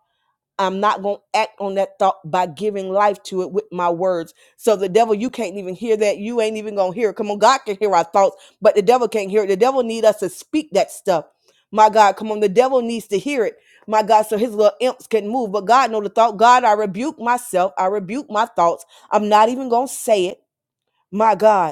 Speaker 3: I'm not going to act on that thought by giving life to it with my words. So the devil, you can't even hear that. You ain't even going to hear it. Come on, God can hear our thoughts, but the devil can't hear it. The devil need us to speak that stuff. My God, come on. The devil needs to hear it. My God, so his little imps can move. But God know the thought. God, I rebuke myself. I rebuke my thoughts. I'm not even going to say it. My God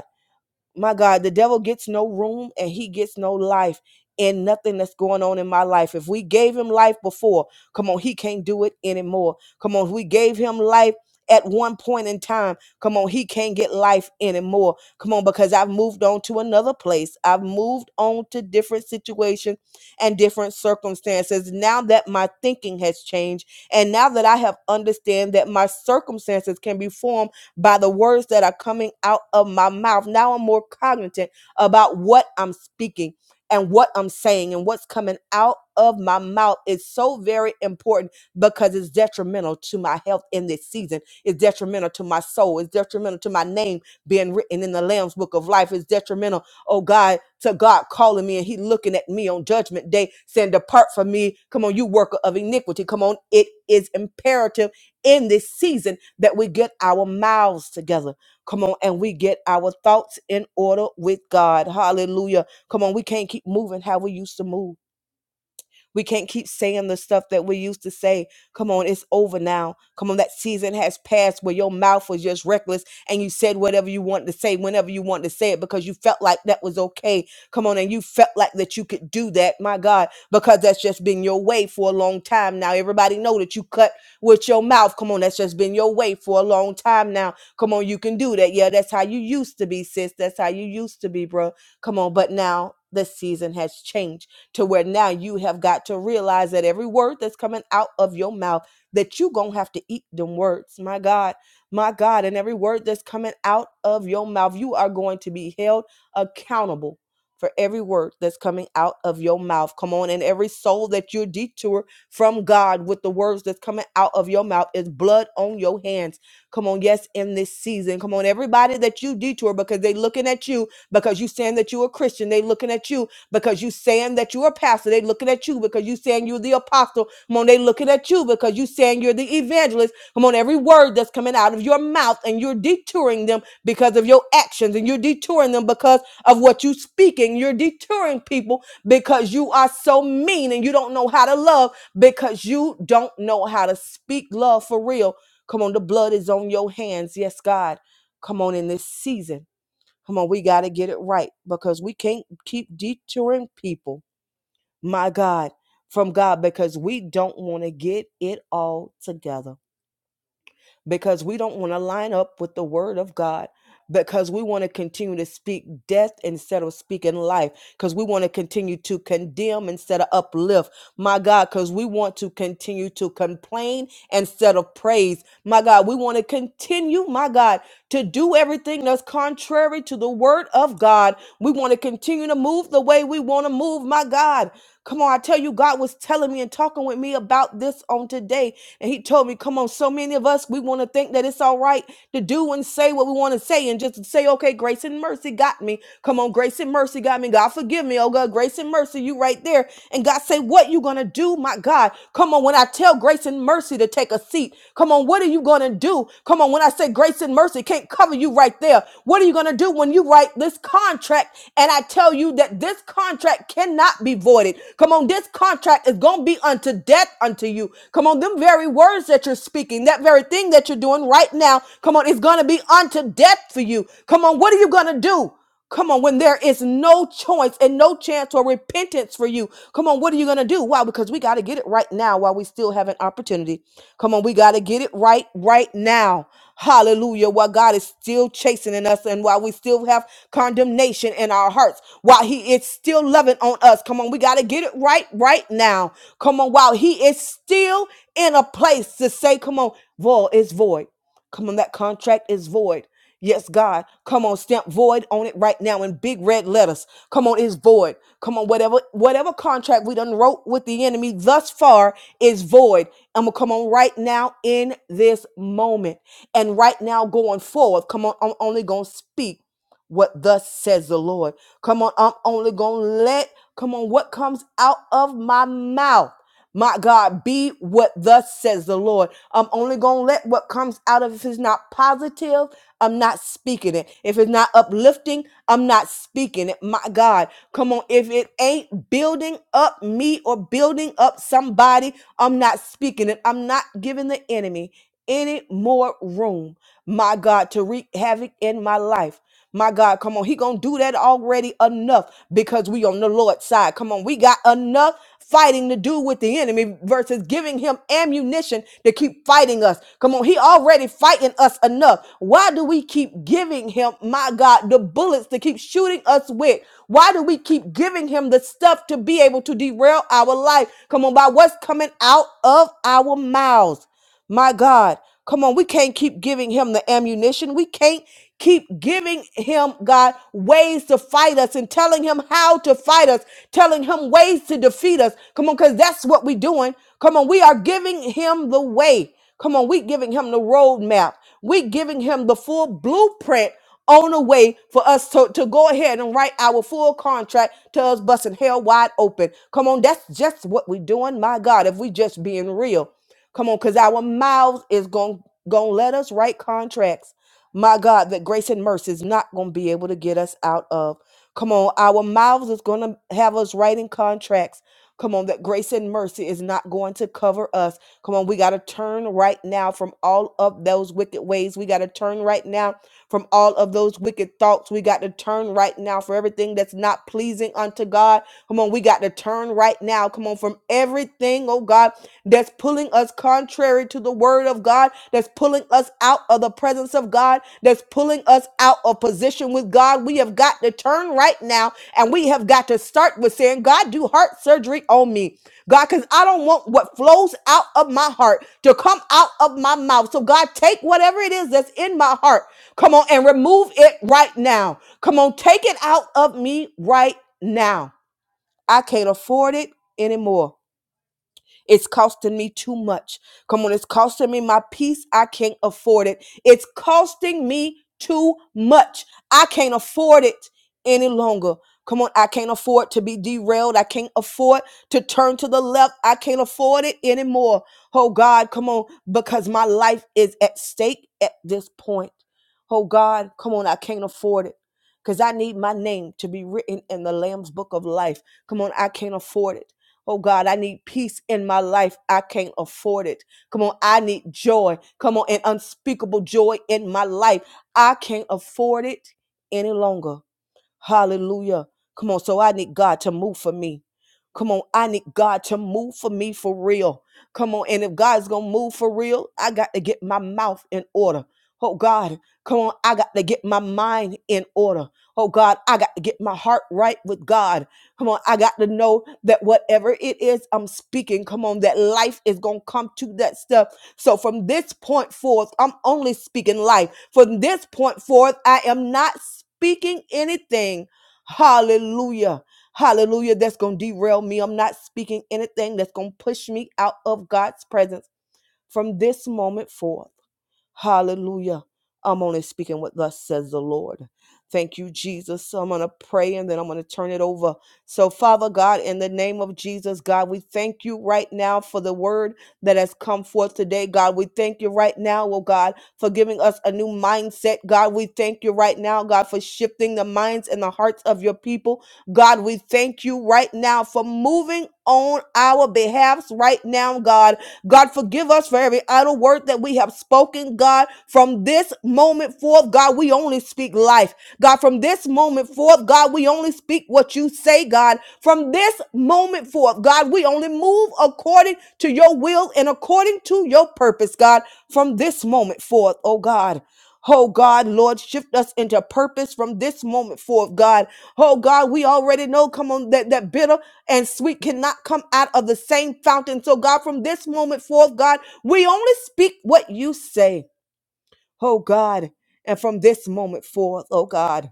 Speaker 3: my God, the devil gets no room and he gets no life in nothing that's going on in my life. If we gave him life before, come on, he can't do it anymore. Come on, if we gave him life at one point in time, come on, he can't get life anymore. Come on, because I've moved on to another place. I've moved on to different situations and different circumstances. Now that my thinking has changed, and now that I have understand that my circumstances can be formed by the words that are coming out of my mouth. Now I'm more cognizant about what I'm speaking and what I'm saying and what's coming out of my mouth is so very important because it's detrimental to my health in this season. It's detrimental to my soul. It's detrimental to my name being written in the Lamb's book of life. It's detrimental, oh God, to God calling me and He looking at me on judgment day, saying, Depart from me. Come on, you worker of iniquity. Come on, it is imperative in this season that we get our mouths together. Come on, and we get our thoughts in order with God. Hallelujah. Come on, we can't keep moving how we used to move. We can't keep saying the stuff that we used to say. Come on, it's over now. Come on, that season has passed where your mouth was just reckless and you said whatever you wanted to say whenever you wanted to say it because you felt like that was okay. Come on, and you felt like that you could do that, my God, because that's just been your way for a long time now. Everybody know that you cut with your mouth. Come on, that's just been your way for a long time now. Come on, you can do that. Yeah, that's how you used to be, sis. That's how you used to be, bro. Come on, but now the season has changed to where now you have got to realize that every word that's coming out of your mouth that you gonna have to eat them words my god my god and every word that's coming out of your mouth you are going to be held accountable for every word that's coming out of your mouth come on and every soul that you detour from god with the words that's coming out of your mouth is blood on your hands come on yes in this season come on everybody that you detour because they looking at you because you saying that you a christian they looking at you because you saying that you're a pastor. They looking at you because you saying you're the apostle. Come on, they looking at you because you saying you're the evangelist. Come on, every word that's coming out of your mouth and you're detouring them because of your actions and you're detouring them because of what you speaking. You're deterring people because you are so mean and you don't know how to love because you don't know how to speak love for real. Come on, the blood is on your hands. Yes, God. Come on in this season. Come on, we got to get it right because we can't keep detouring people, my God, from God because we don't want to get it all together because we don't want to line up with the word of God because we want to continue to speak death instead of speaking life because we want to continue to condemn instead of uplift my god because we want to continue to complain instead of praise my god we want to continue my god to do everything that's contrary to the word of god we want to continue to move the way we want to move my god Come on, I tell you, God was telling me and talking with me about this on today and he told me, come on, so many of us, we want to think that it's all right to do and say what we want to say and just say, okay, grace and mercy got me. Come on, grace and mercy got me. God forgive me. Oh God, grace and mercy, you right there. And God say, what you gonna do, my God? Come on, when I tell grace and mercy to take a seat, come on, what are you gonna do? Come on, when I say grace and mercy can't cover you right there, what are you gonna do when you write this contract? And I tell you that this contract cannot be voided. Come on, this contract is gonna be unto death unto you. Come on, them very words that you're speaking, that very thing that you're doing right now, come on, it's gonna be unto death for you. Come on, what are you gonna do? Come on, when there is no choice and no chance or repentance for you, come on, what are you going to do? Why? Because we got to get it right now while we still have an opportunity. Come on, we got to get it right right now. Hallelujah. While God is still chastening us and while we still have condemnation in our hearts, while He is still loving on us, come on, we got to get it right right now. Come on, while He is still in a place to say, come on, void is void. Come on, that contract is void. Yes, God. Come on, stamp void on it right now in big red letters. Come on, it's void. Come on, whatever whatever contract we done wrote with the enemy thus far is void. I'm gonna come on right now in this moment. And right now going forward, come on, I'm only gonna speak what thus says the Lord. Come on, I'm only gonna let come on what comes out of my mouth. My God, be what thus says the Lord. I'm only going to let what comes out of it. if it's not positive, I'm not speaking it. If it's not uplifting, I'm not speaking it. My God, come on. If it ain't building up me or building up somebody, I'm not speaking it. I'm not giving the enemy any more room, my God, to wreak havoc in my life. My God, come on. He gonna do that already enough because we on the Lord's side. Come on, we got enough fighting to do with the enemy versus giving him ammunition to keep fighting us. Come on, he already fighting us enough. Why do we keep giving him, my God, the bullets to keep shooting us with? Why do we keep giving him the stuff to be able to derail our life? Come on, by what's coming out of our mouths. My God, come on, we can't keep giving him the ammunition. We can't keep giving him, God, ways to fight us and telling him how to fight us, telling him ways to defeat us. Come on, because that's what we're doing. Come on, we are giving him the way. Come on, we giving him the roadmap. we giving him the full blueprint on a way for us to, to go ahead and write our full contract to us busting hell wide open. Come on, that's just what we're doing. My God, if we just being real. Come on, because our mouths is going to let us write contracts. My God, that grace and mercy is not going to be able to get us out of. Come on, our mouths is going to have us writing contracts. Come on, that grace and mercy is not going to cover us. Come on, we got to turn right now from all of those wicked ways. We got to turn right now from all of those wicked thoughts. We got to turn right now for everything that's not pleasing unto God. Come on, we got to turn right now. Come on, from everything, oh God that's pulling us contrary to the word of God, that's pulling us out of the presence of God, that's pulling us out of position with God. We have got to turn right now and we have got to start with saying, God, do heart surgery on me. God, because I don't want what flows out of my heart to come out of my mouth. So, God, take whatever it is that's in my heart, come on, and remove it right now. Come on, take it out of me right now. I can't afford it anymore. It's costing me too much. Come on, it's costing me my peace. I can't afford it. It's costing me too much. I can't afford it any longer. Come on, I can't afford to be derailed. I can't afford to turn to the left. I can't afford it anymore. Oh God, come on, because my life is at stake at this point. Oh God, come on, I can't afford it because I need my name to be written in the Lamb's book of life. Come on, I can't afford it. Oh God, I need peace in my life. I can't afford it. Come on, I need joy. Come on, an unspeakable joy in my life. I can't afford it any longer. Hallelujah. Come on. So I need God to move for me. Come on. I need God to move for me for real. Come on. And if God's going to move for real, I got to get my mouth in order. Oh God, come on. I got to get my mind in order. Oh God, I got to get my heart right with God. Come on. I got to know that whatever it is I'm speaking, come on, that life is going to come to that stuff so from this point forth, I'm only speaking life. From this point forth, I am not speaking anything. Hallelujah. Hallelujah. That's going to derail me. I'm not speaking anything that's going to push me out of God's presence from this moment forth. Hallelujah. I'm only speaking what thus says the Lord. Thank you, Jesus. So I'm going to pray and then I'm going to turn it over. So, Father God, in the name of Jesus, God, we thank you right now for the word that has come forth today. God, we thank you right now, oh God, for giving us a new mindset. God, we thank you right now, God, for shifting the minds and the hearts of your people. God, we thank you right now for moving on our behalfs right now, God. God, forgive us for every idle word that we have spoken, God. From this moment forth, God, we only speak life. God, from this moment forth, God, we only speak what you say, God. From this moment forth, God, we only move according to your will and according to your purpose, God. From this moment forth, oh God. Oh God, Lord, shift us into purpose from this moment forth, God. Oh God, we already know, come on, that, that bitter and sweet cannot come out of the same fountain. So, God, from this moment forth, God, we only speak what you say, oh God. And from this moment forth, oh God.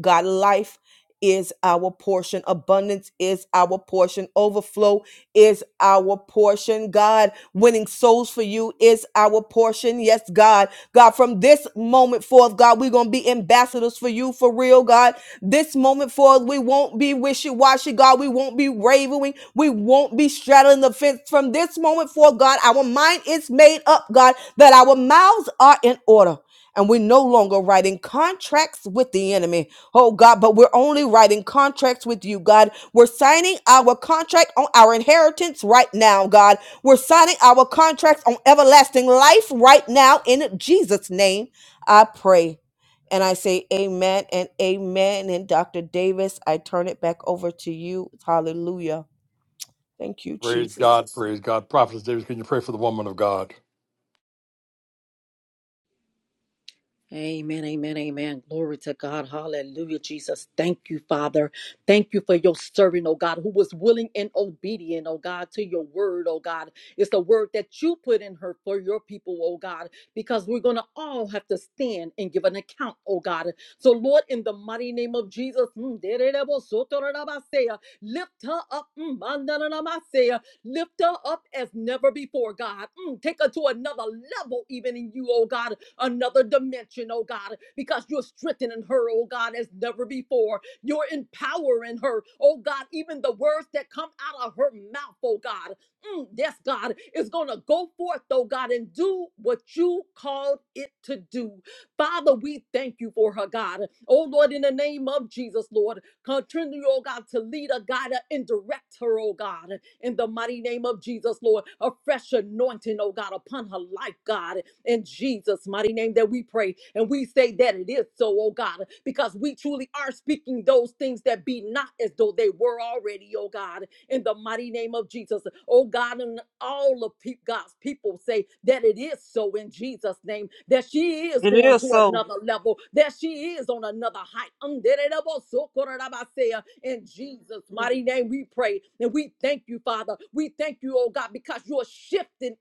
Speaker 3: God, life is our portion, abundance is our portion, overflow is our portion. God, winning souls for you is our portion. Yes, God. God, from this moment forth, God, we're going to be ambassadors for you for real, God. This moment forth, we won't be wishy washy, God. We won't be wavering. We won't be straddling the fence. From this moment forth, God, our mind is made up, God, that our mouths are in order and we're no longer writing contracts with the enemy. Oh God, but we're only writing contracts with you, God. We're signing our contract on our inheritance right now, God. We're signing our contracts on everlasting life right now in Jesus' name. I pray. And I say amen and amen. And Dr. Davis, I turn it back over to you. Hallelujah. Thank you,
Speaker 1: Praise
Speaker 3: Jesus.
Speaker 1: God, praise God. Prophetess Davis, can you pray for the woman of God?
Speaker 2: Amen, amen, amen. Glory to God. Hallelujah, Jesus. Thank you, Father. Thank you for your servant, oh God, who was willing and obedient, oh God, to your word, oh God. It's the word that you put in her for your people, oh God, because we're going to all have to stand and give an account, oh God. So, Lord, in the mighty name of Jesus, mm, lift her up. mm, Lift her up as never before, God. Mm, take her to another level, even in you, oh God, another dimension, oh God, because you're strengthening her, oh God, as never before. You're empowering her, oh God, even the words that come out of her mouth, oh God. Mm, yes, God, is going to go forth, oh God, and do what you called it to do. Father, we thank you for her, God. Oh Lord, in the name of Jesus, Lord. Continue, oh God, to lead her, guide her, and direct her, oh God, in the mighty name of Jesus, Lord. A fresh anointing, oh God, upon her life, God, in Jesus' mighty name that we pray. And we say that it is so, oh God, because we truly are speaking those things that be not as though they were already, oh God in the mighty name of Jesus. Oh God, and all of pe- God's people say that it is so in Jesus' name, that she is
Speaker 4: It
Speaker 2: going
Speaker 4: is
Speaker 2: to
Speaker 4: so.
Speaker 2: another level, that she is on another height. In Jesus' mighty name, we pray and we thank you, Father. We thank you, oh God, because you're shifting.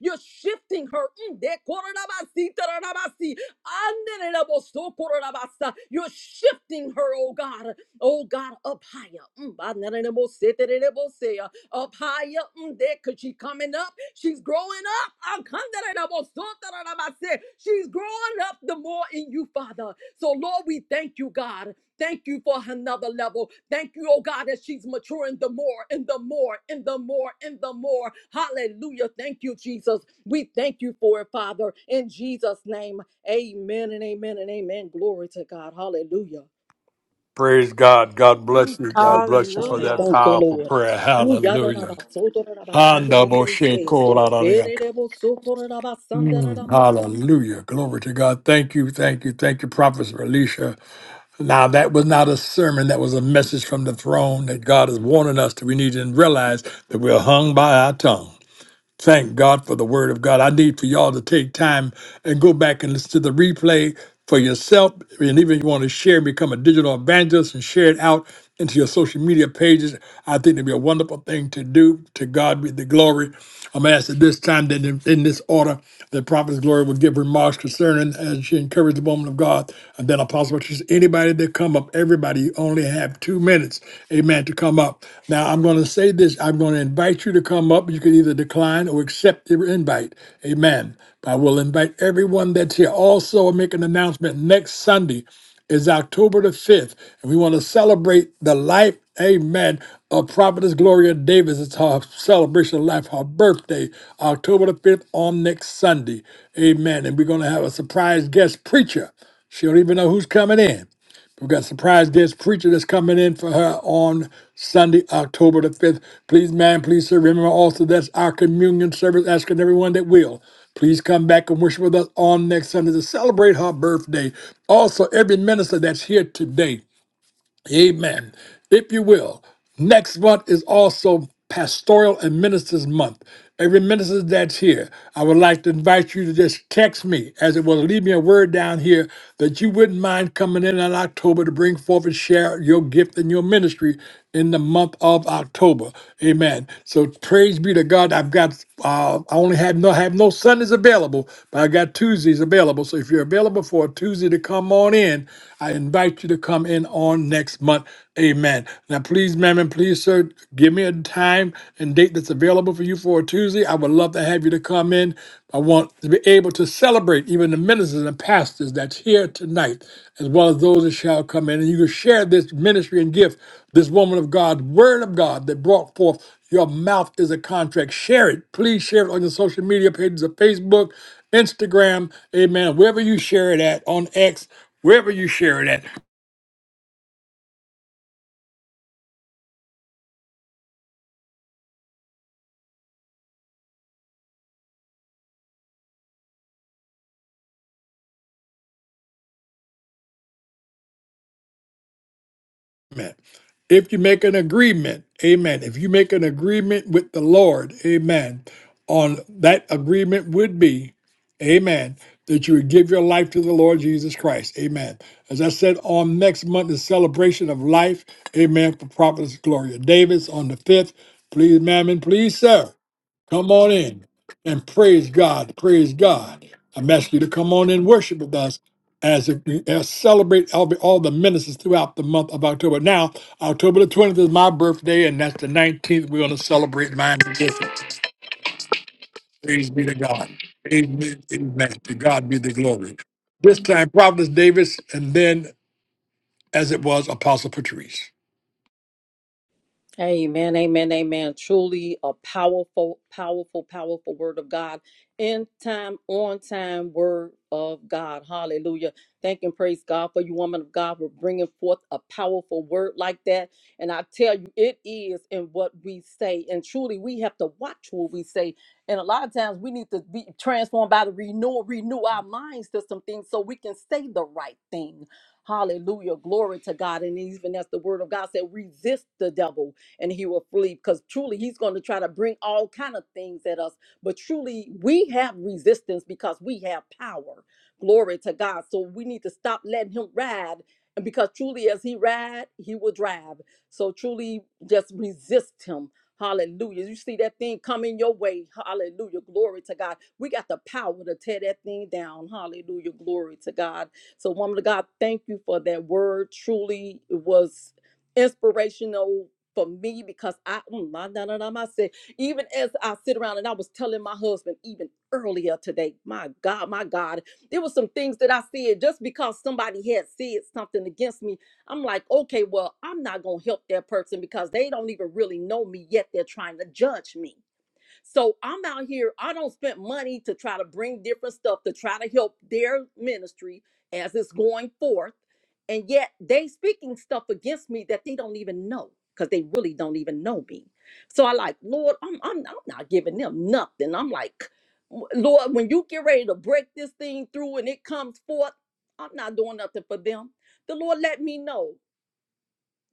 Speaker 2: You're shifting her. You're shifting her, oh God. Oh God, up higher. Mm, ba- na- na- na- bo- se- te- re- re- bo- se- uh, Up higher. Mm, there, cause she coming up. She's growing up. Ah, kan- da- da- da- bo- so- da- da- da- ba- se. She's growing up the more in you, Father. So Lord, we thank you, God. Thank you for another level. Thank you, oh God, that she's maturing the more and the more and the more and the more. Hallelujah. Thank you, Jesus. We thank you for it, Father. In Jesus' name, amen and amen and amen. Glory to God. Hallelujah.
Speaker 1: Praise God. God bless you. God
Speaker 2: Thank you,
Speaker 1: bless you for
Speaker 2: Father.
Speaker 4: Hallelujah.
Speaker 1: that
Speaker 2: Thank you,
Speaker 1: powerful
Speaker 2: Lord.
Speaker 1: prayer.
Speaker 2: Ooh, yada da ba
Speaker 1: Hallelujah.
Speaker 2: so do da da ba kan de de
Speaker 1: Handa
Speaker 2: de
Speaker 1: bo
Speaker 2: de
Speaker 1: she
Speaker 2: se.
Speaker 1: ko la la
Speaker 2: E de
Speaker 1: la.
Speaker 2: de so ko da da ba san da da da
Speaker 1: Mm,
Speaker 2: ma
Speaker 1: hallelujah. Glory to God. Thank you, thank you, thank you, Prophet Alicia. Now, that was not a sermon. That was a message from the throne that God is warning us that we need to realize that we're hung by our tongue. Thank God for the word of God. I need for y'all to take time and go back and listen to the replay for yourself. And even if you want to share, become a digital evangelist and share it out into your social media pages. I think it'd be a wonderful thing to do. To God be the glory. I'm asked at this time that in, in this order, the prophet's glory will give remarks concerning as she encouraged the woman of God. And then Apostle Patricia, anybody that come up, everybody, you only have two minutes, amen, to come up up. Now, I'm going to say this I'm going to invite you to come up. You can either decline or accept the invite. Amen. But I will invite everyone that's here. Also, I make an announcement next Sunday is October the 5th, and we want to celebrate the life, amen, of Prophetess Gloria Davis. It's her celebration of life, her birthday, October the 5th on next Sunday. Amen. And we're going to have a surprise guest preacher. She don't even know who's coming in. We've got surprise guest preacher that's coming in for her on Sunday, October the 5th. Please, man, please sir, remember also that's our communion service, asking everyone that will. Please come back and worship with us on next Sunday to celebrate her birthday. Also, every minister that's here today. Amen. If you will, next month is also Pastoral and Ministers Month. Every minister that's here, I would like to invite you to just text me, as it will leave me a word down here that you wouldn't mind coming in in October to bring forth and share your gift and your ministry in the month of October. Amen. So praise be to God. I've got uh, I only have no have no Sundays available, but I got Tuesdays available. So if you're available for a Tuesday to come on in, I invite you to come in in on next month. Amen. Now, please, ma'am, and please, sir, give me a time and date that's available for you for a Tuesday. I would love to have you to come in. I want to be able to celebrate even the ministers and pastors that's here tonight, as well as those that shall come in. And you can share this ministry and gift, this woman of God, word of God that brought forth your mouth is a contract. Share it. Please share it on your social media pages of Facebook, Instagram, amen. Wherever you share it at, on X, wherever you share it at. Amen. If you make an agreement, amen. If you make an agreement with the Lord, amen, on that agreement would be, amen, that you would give your life to the Lord Jesus Christ. Amen. As I said, on next month is celebration of life, amen, for Prophetess Gloria Davis on the 5th. Please, ma'am, and please, sir. Come on in and praise God. Praise God. I'm asking you to come on and worship with us as we as celebrate all, the- all the ministers throughout the month of October. Now, October the 20th is my birthday, and that's the 19th. We're going to celebrate mine together. Praise be to God. Amen. Amen. To God be the glory. This time, Providence Davis, and then, as it was, Apostle Patrice.
Speaker 2: Amen, amen, amen. Truly a powerful, powerful, powerful word of God. In time, on time, word of God. Hallelujah. Thank and praise God for you, woman of God, for bringing forth a powerful word like that. And I tell you, it is in what we say. And truly, we have to watch what we say. And a lot of times we need to be transformed by the renewal, renew our minds to some things so we can say the right thing. Hallelujah. Glory to God. And even as the word of God said, resist the devil and he will flee because truly he's going to try to bring all kind of things at us but truly we have resistance because we have power glory to god so we need to stop letting him ride and because truly as he ride he will drive so truly just resist him Hallelujah. You see that thing coming your way. Hallelujah. Glory to God. We got the power to tear that thing down. Hallelujah. Glory to God. So, woman of God, thank you for that word. Truly, it was inspirational for me because I, mm, my, na, na, na, my, say, even as I sit around and I was telling my husband even earlier today, my God, my God, there were some things that I said just because somebody had said something against me. I'm like, okay, well, I'm not going to help that person because they don't even really know me yet. They're trying to judge me. So I'm out here, I don't spend money to try to bring different stuff to try to help their ministry as it's going forth. And yet they speaking stuff against me that they don't even know because they really don't even know me. So I like, Lord, I'm, I'm, I'm not giving them nothing. I'm like, Lord, when you get ready to break this thing through and it comes forth, I'm not doing nothing for them. The Lord let me know,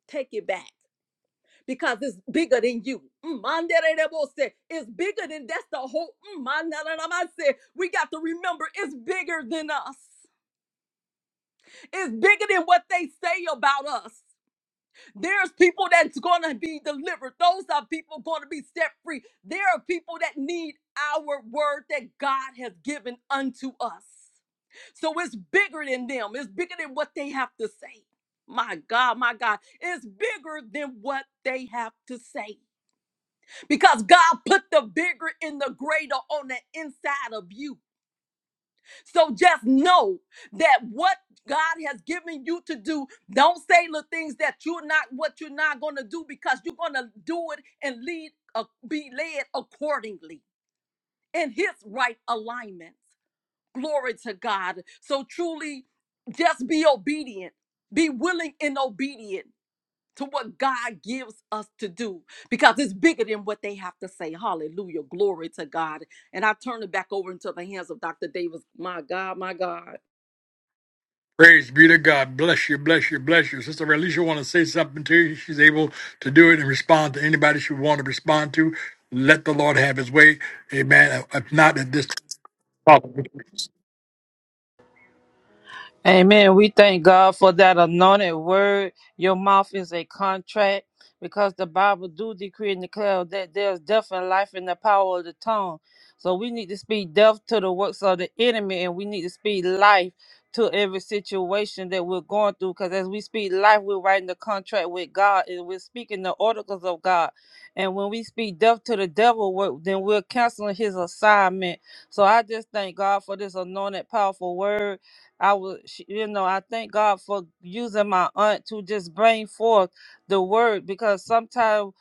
Speaker 2: take it back because it's bigger than you. Mm, manderebose. It's bigger than that's the whole. mm, mandaramase. We got to remember it's bigger than us. It's bigger than what they say about us. There's people that's going to be delivered. Those are people going to be set free. There are people that need our word that God has given unto us. So it's bigger than them. It's bigger than what they have to say. My God, my God. It's bigger than what they have to say. because God put the bigger and the greater on the inside of you. So just know that what God has given you to do, don't say the things that you're not what you're not going to do because you're going to do it and lead uh, be led accordingly in his right alignment. Glory to God. So truly just be obedient. Be willing and obedient to what God gives us to do because it's bigger than what they have to say. Hallelujah. Glory to God. And I turn it back over into the hands of Dr. Davis. My God, my God.
Speaker 1: Praise be to God. Bless you, bless you, bless you. Sister Alicia want to say something to you. She's able to do it and respond to anybody she want to respond to. Let the Lord have his way. Amen. If not at this
Speaker 4: Amen. We thank God for that anointed word. Your mouth is a contract because the Bible do decree and declare that there's death and life in the power of the tongue. So we need to speak death to the works of the enemy and we need to speak life to every situation that we're going through because as we speak life, we're writing the contract with God and we're speaking the oracles of God. And when we speak death to the devil, we're- then we're canceling his assignment. So I just thank God for this anointed, powerful word I was, she- you know, I thank God for using my aunt to just bring forth the word because sometimes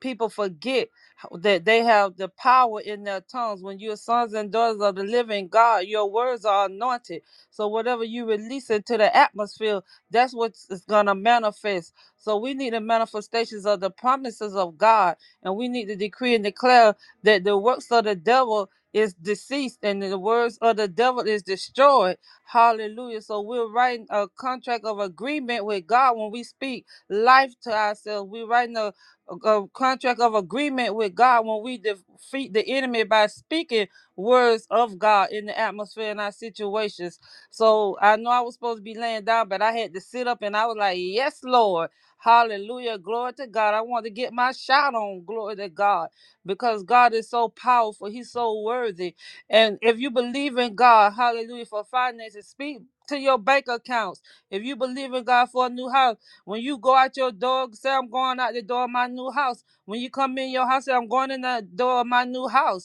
Speaker 4: people forget how- that they have the power in their tongues. When you're sons and daughters of the living God, your words are anointed. So whatever you release into the atmosphere, that's what is gonna manifest. So we need the manifestations of the promises of God, and we need to decree and declare that the works of the devil is deceased and the words of the devil is destroyed Hallelujah. So we're writing a contract of agreement with God when we speak life to ourselves. We're writing a, a contract of agreement with God when we defeat the enemy by speaking words of God in the atmosphere in our situations. So I know I was supposed to be laying down, but I had to sit up and I was like, Yes, Lord. Hallelujah. Glory to God. I want to get my shout on. Glory to God. Because God is so powerful. He's so worthy. And if you believe in God, hallelujah, for finances, speak to your bank accounts. If you believe in God for a new house, when you go out your door, say, I'm going out the door of my new house. When you come in your house, say, I'm going in the door of my new house.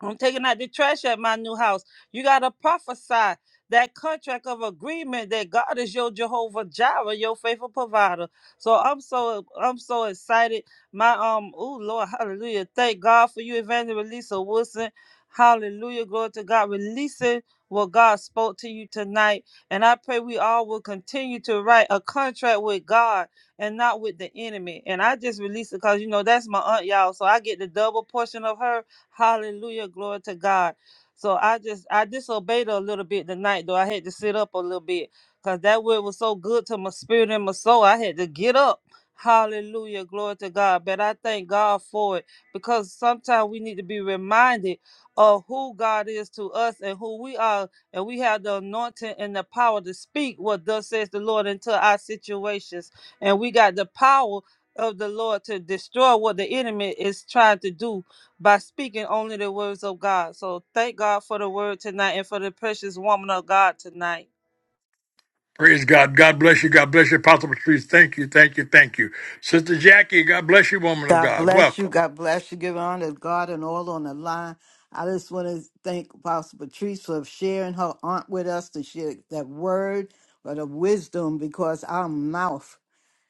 Speaker 4: I'm taking out the trash at my new house. You got to prophesy that contract of agreement that God is your Jehovah Jireh, your faithful provider. So I'm so I'm so excited. My um, oh Lord, hallelujah! Thank God for you, Evangelist Lisa Wilson. Hallelujah, glory to God. Releasing what God spoke to you tonight, and I pray we all will continue to write a contract with God and not with the enemy. And I just release it because you know that's my aunt, y'all. So I get the double portion of her Hallelujah. Glory to God. So I just I disobeyed her a little bit tonight, though. I had to sit up a little bit because that word was so good to my spirit and my soul. I had to get up. Hallelujah. Glory to God. But I thank God for it because sometimes we need to be reminded of who God is to us and who we are. And we have the anointing and the power to speak what thus says the Lord into our situations. And we got the power of the Lord to destroy what the enemy is trying to do by speaking only the words of God. So thank God for the word tonight and for the precious woman of God tonight.
Speaker 1: Praise God. God bless you. God bless you, Apostle Patrice. Thank you. Thank you. Thank you. Sister Jackie, God bless you, woman of
Speaker 6: God
Speaker 1: God.
Speaker 6: bless you.
Speaker 1: Welcome.
Speaker 6: God bless you. Give honor to God and all on the line. I just want to thank Apostle Patrice for sharing her aunt with us to share that word, but of wisdom, because our mouth.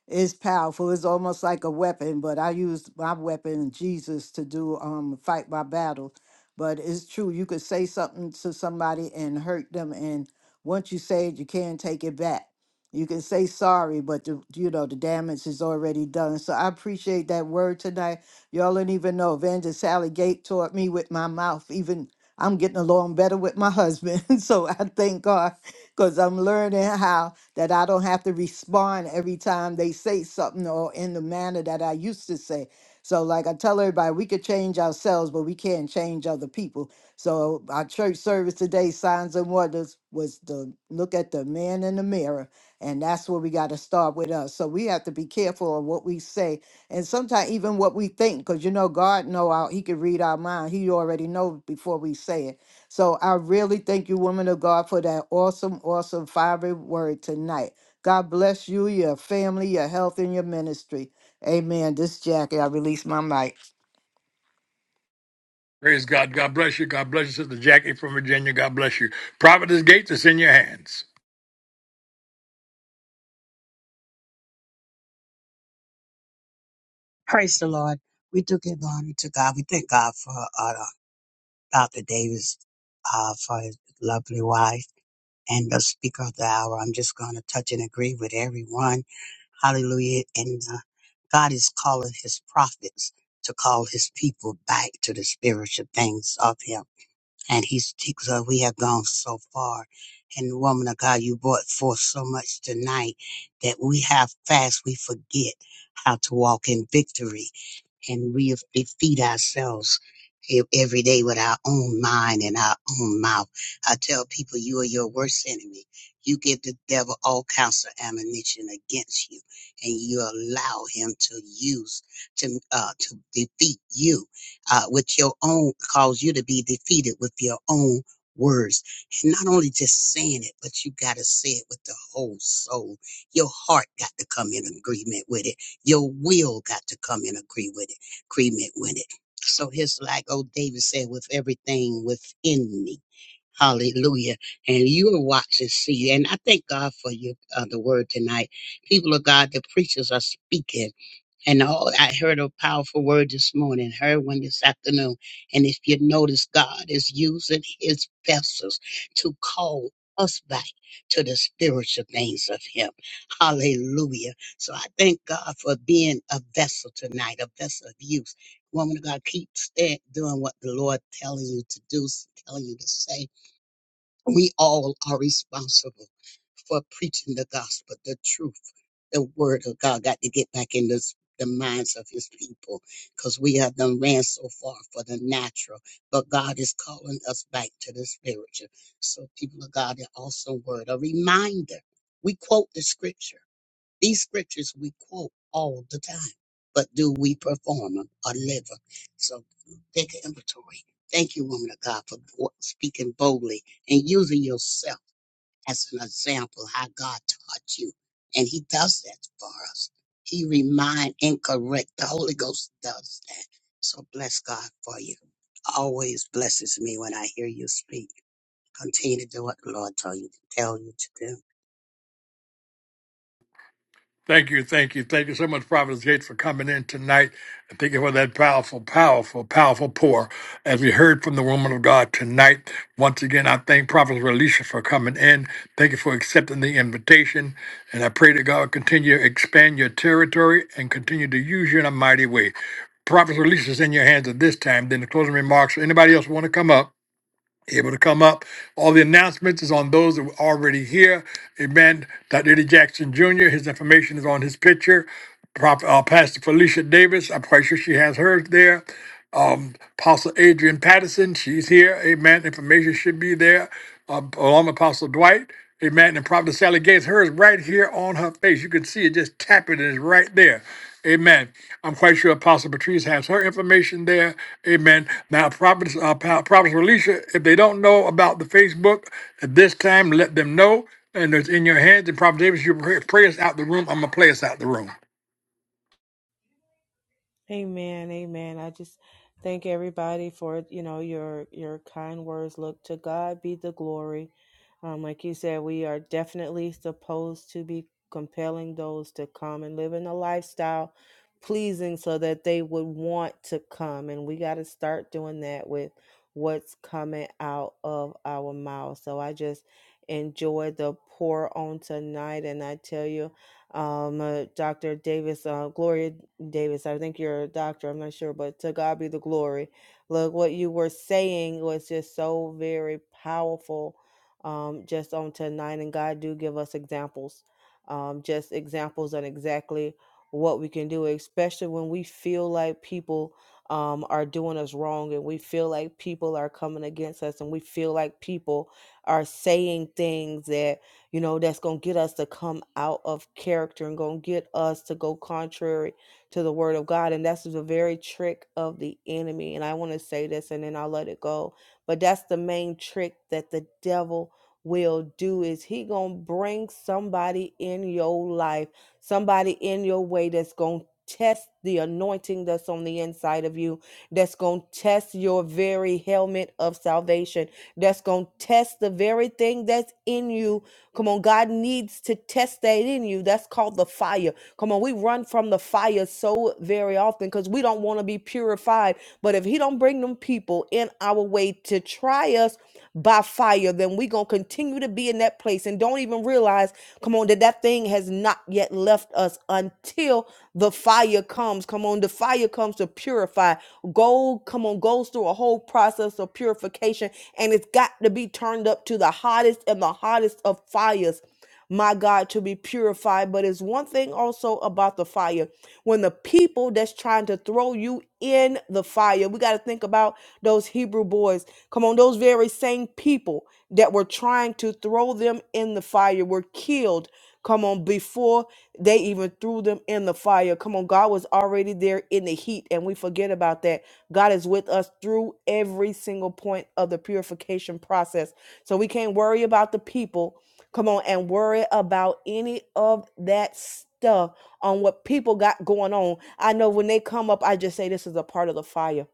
Speaker 6: It's powerful. It's almost like a weapon, but I use my weapon, Jesus, to do um fight my battle. But it's true. You could say something to somebody and hurt them, and once you say it, you can't take it back. You can say sorry, but the, you know the damage is already done. So I appreciate that word tonight. Y'all don't even know. Evangelist Sally Gate taught me with my mouth. Even I'm getting along better with my husband. so I thank God because I'm learning how that I don't have to respond every time they say something or in the manner that I used to say. So, like I tell everybody, we could change ourselves, but we can't change other people. So, our church service today, Signs and Wonders, was to look at the man in the mirror. And that's where we got to start with us. So, we have to be careful of what we say and sometimes even what we think because you know god know our he can read our mind he already knows before we say it so I really thank you, woman of God, for that awesome, awesome fiery word tonight. God bless you, your family, your health, and your ministry. Amen. This is Jackie. I release my mic.
Speaker 1: Praise God. God bless you. God bless you, Sister Jackie from Virginia. God bless you. Providence Gates is in your hands.
Speaker 7: Praise the Lord. We do give honor to God. We thank God for uh, Dr. Davis, uh, for his lovely wife and the speaker of the hour. I'm just going to touch and agree with everyone. Hallelujah. And uh, God is calling his prophets to call his people back to the spiritual things of him. And he's, he- so we have gone so far. And woman of God, you brought forth so much tonight that we have fast, we forget how to walk in victory and we defeat ourselves e- every day with our own mind and our own mouth. I tell people you are your worst enemy. You give the devil all kinds of ammunition against you and you allow him to use to, uh, to defeat you, uh, with your own, cause you to be defeated with your own words. And not only just saying it, but you got to say it with the whole soul. Your heart got to come in agreement with it. Your will got to come in agree with it agreement with it. So it's like old David said, with everything within me. Hallelujah. And you are watching, see, and I thank God for your uh, the word tonight. People of God, the preachers are speaking and all I heard a powerful word this morning, heard one this afternoon. And if you notice, God is using his vessels to call us back to the spiritual things of him. Hallelujah. So I thank God for being a vessel tonight, a vessel of use. Woman of God, keep stand, doing what the Lord telling you to do, telling you to say. We all are responsible for preaching the gospel, the truth the word of God got to get back in this, the minds of his people because we have done ran so far for the natural, but God is calling us back to the spiritual. So, people of God, an awesome word, a reminder. We quote the scripture. These scriptures we quote all the time, but do we perform them or live them? So, take an inventory. Thank you, woman of God, for bo- speaking boldly and using yourself as an example how God taught you. And he does that for us. He remind and correct. The Holy Ghost does that. So bless God for you. Always blesses me when I hear you speak. Continue to do what the Lord tell you tell you to do.
Speaker 1: Thank you, thank you, thank you so much, Prophet Gates, for coming in tonight. And thank you for that powerful, powerful, powerful pour. As we heard from the woman of God tonight, once again, I thank Prophet Alicia for coming in. Thank you for accepting the invitation. And I pray that God continue to expand your territory and continue to use you in a mighty way. Prophet Alicia is in your hands at this time. Then the closing remarks. Anybody else want to come up? able to come up. All the announcements is on those that were already here. Amen. Dr. Eddie Jackson Jr., his information is on his picture. Prop, uh, Pastor Felicia Davis, I'm quite sure she has hers there um, Apostle Adrian Patterson. She's here. Amen. Information should be there. Um, along with Apostle Dwight. Amen. And Prophet Sally Gates, hers right here on her face. You can see it just tapping, and it's right there. Amen. I'm quite sure Apostle Patrice has her information there. Amen. Now, Prophet, uh, Pa- Prophet Alicia, if they don't know about the Facebook at this time, let them know. And it's in your hands. And Prophet Davis, you pray, pray us out the room. I'm going to play us out the room.
Speaker 3: Amen, amen. I just thank everybody for you know your your kind words. Look to God be the glory. Um, like you said, we are definitely supposed to be compelling those to come and live in a lifestyle pleasing, so that they would want to come. And we got to start doing that with what's coming out of our mouth. So I just enjoyed the pour on tonight, and I tell you um, uh, Dr. Davis, uh, Gloria Davis. I think you're a doctor. I'm not sure, but to God be the glory. Look, what you were saying was just so very powerful, um, just on tonight. And God do give us examples, um, just examples on exactly what we can do, especially when we feel like people um, are doing us wrong and we feel like people are coming against us and we feel like people are saying things that you know, that's going to get us to come out of character and going to get us to go contrary to the word of God. And that's the very trick of the enemy. And I want to say this and then I'll let it go. But that's the main trick that the devil will do is he going to bring somebody in your life, somebody in your way that's going to test the anointing that's on the inside of you that's going to test your very helmet of salvation that's going to test the very thing that's in you Come on, God needs to test that in you. That's called the fire. Come on, we run from the fire so very often because we don't want to be purified. But if He don't bring them people in our way to try us by fire, then we gonna continue to be in that place and don't even realize. Come on, that that thing has not yet left us until the fire comes. Come on, the fire comes to purify. Gold, come on, goes through a whole process of purification and it's got to be turned up to the hottest and the hottest of fires my God, to be purified. But it's one thing also about the fire. When the people that's trying to throw you in the fire, we got to think about those Hebrew boys. Come on, those very same people that were trying to throw them in the fire were killed. Come on, before they even threw them in the fire. Come on, God was already there in the heat, and we forget about that. God is with us through every single point of the purification process. So we can't worry about the people. Come on, and worry about any of that stuff on what people got going on. I know when they come up, I just say this is a part of the fire.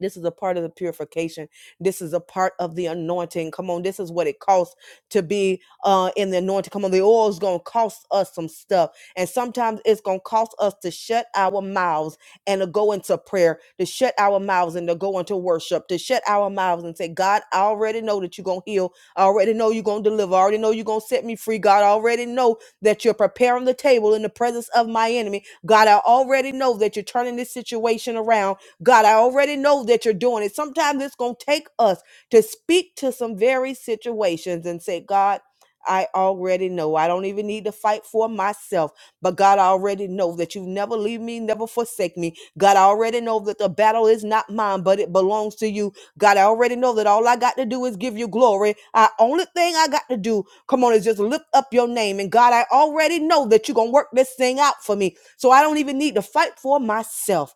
Speaker 3: This is a part of the purification. This is a part of the anointing. Come on, this is what it costs to be uh, in the anointing. Come on, the oil is going to cost us some stuff. And sometimes it's going to cost us to shut our mouths and to go into prayer, to shut our mouths and to go into worship, to shut our mouths and say, God, I already know that you're going to heal. I already know you're going to deliver. I already know you're going to set me free. God, I already know that you're preparing the table in the presence of my enemy. God, I already know that you're turning this situation around. God, I already know that you're doing it. Sometimes it's going to take us to speak to some very situations and say, God, I already know. I don't even need to fight for myself. But God, I already know that you never leave me, never forsake me. God, I already know that the battle is not mine, but it belongs to you. God, I already know that all I got to do is give you glory. I only thing I got to do, come on, is just lift up your name. And God, I already know that you're gonna work this thing out for me. So I don't even need to fight for myself.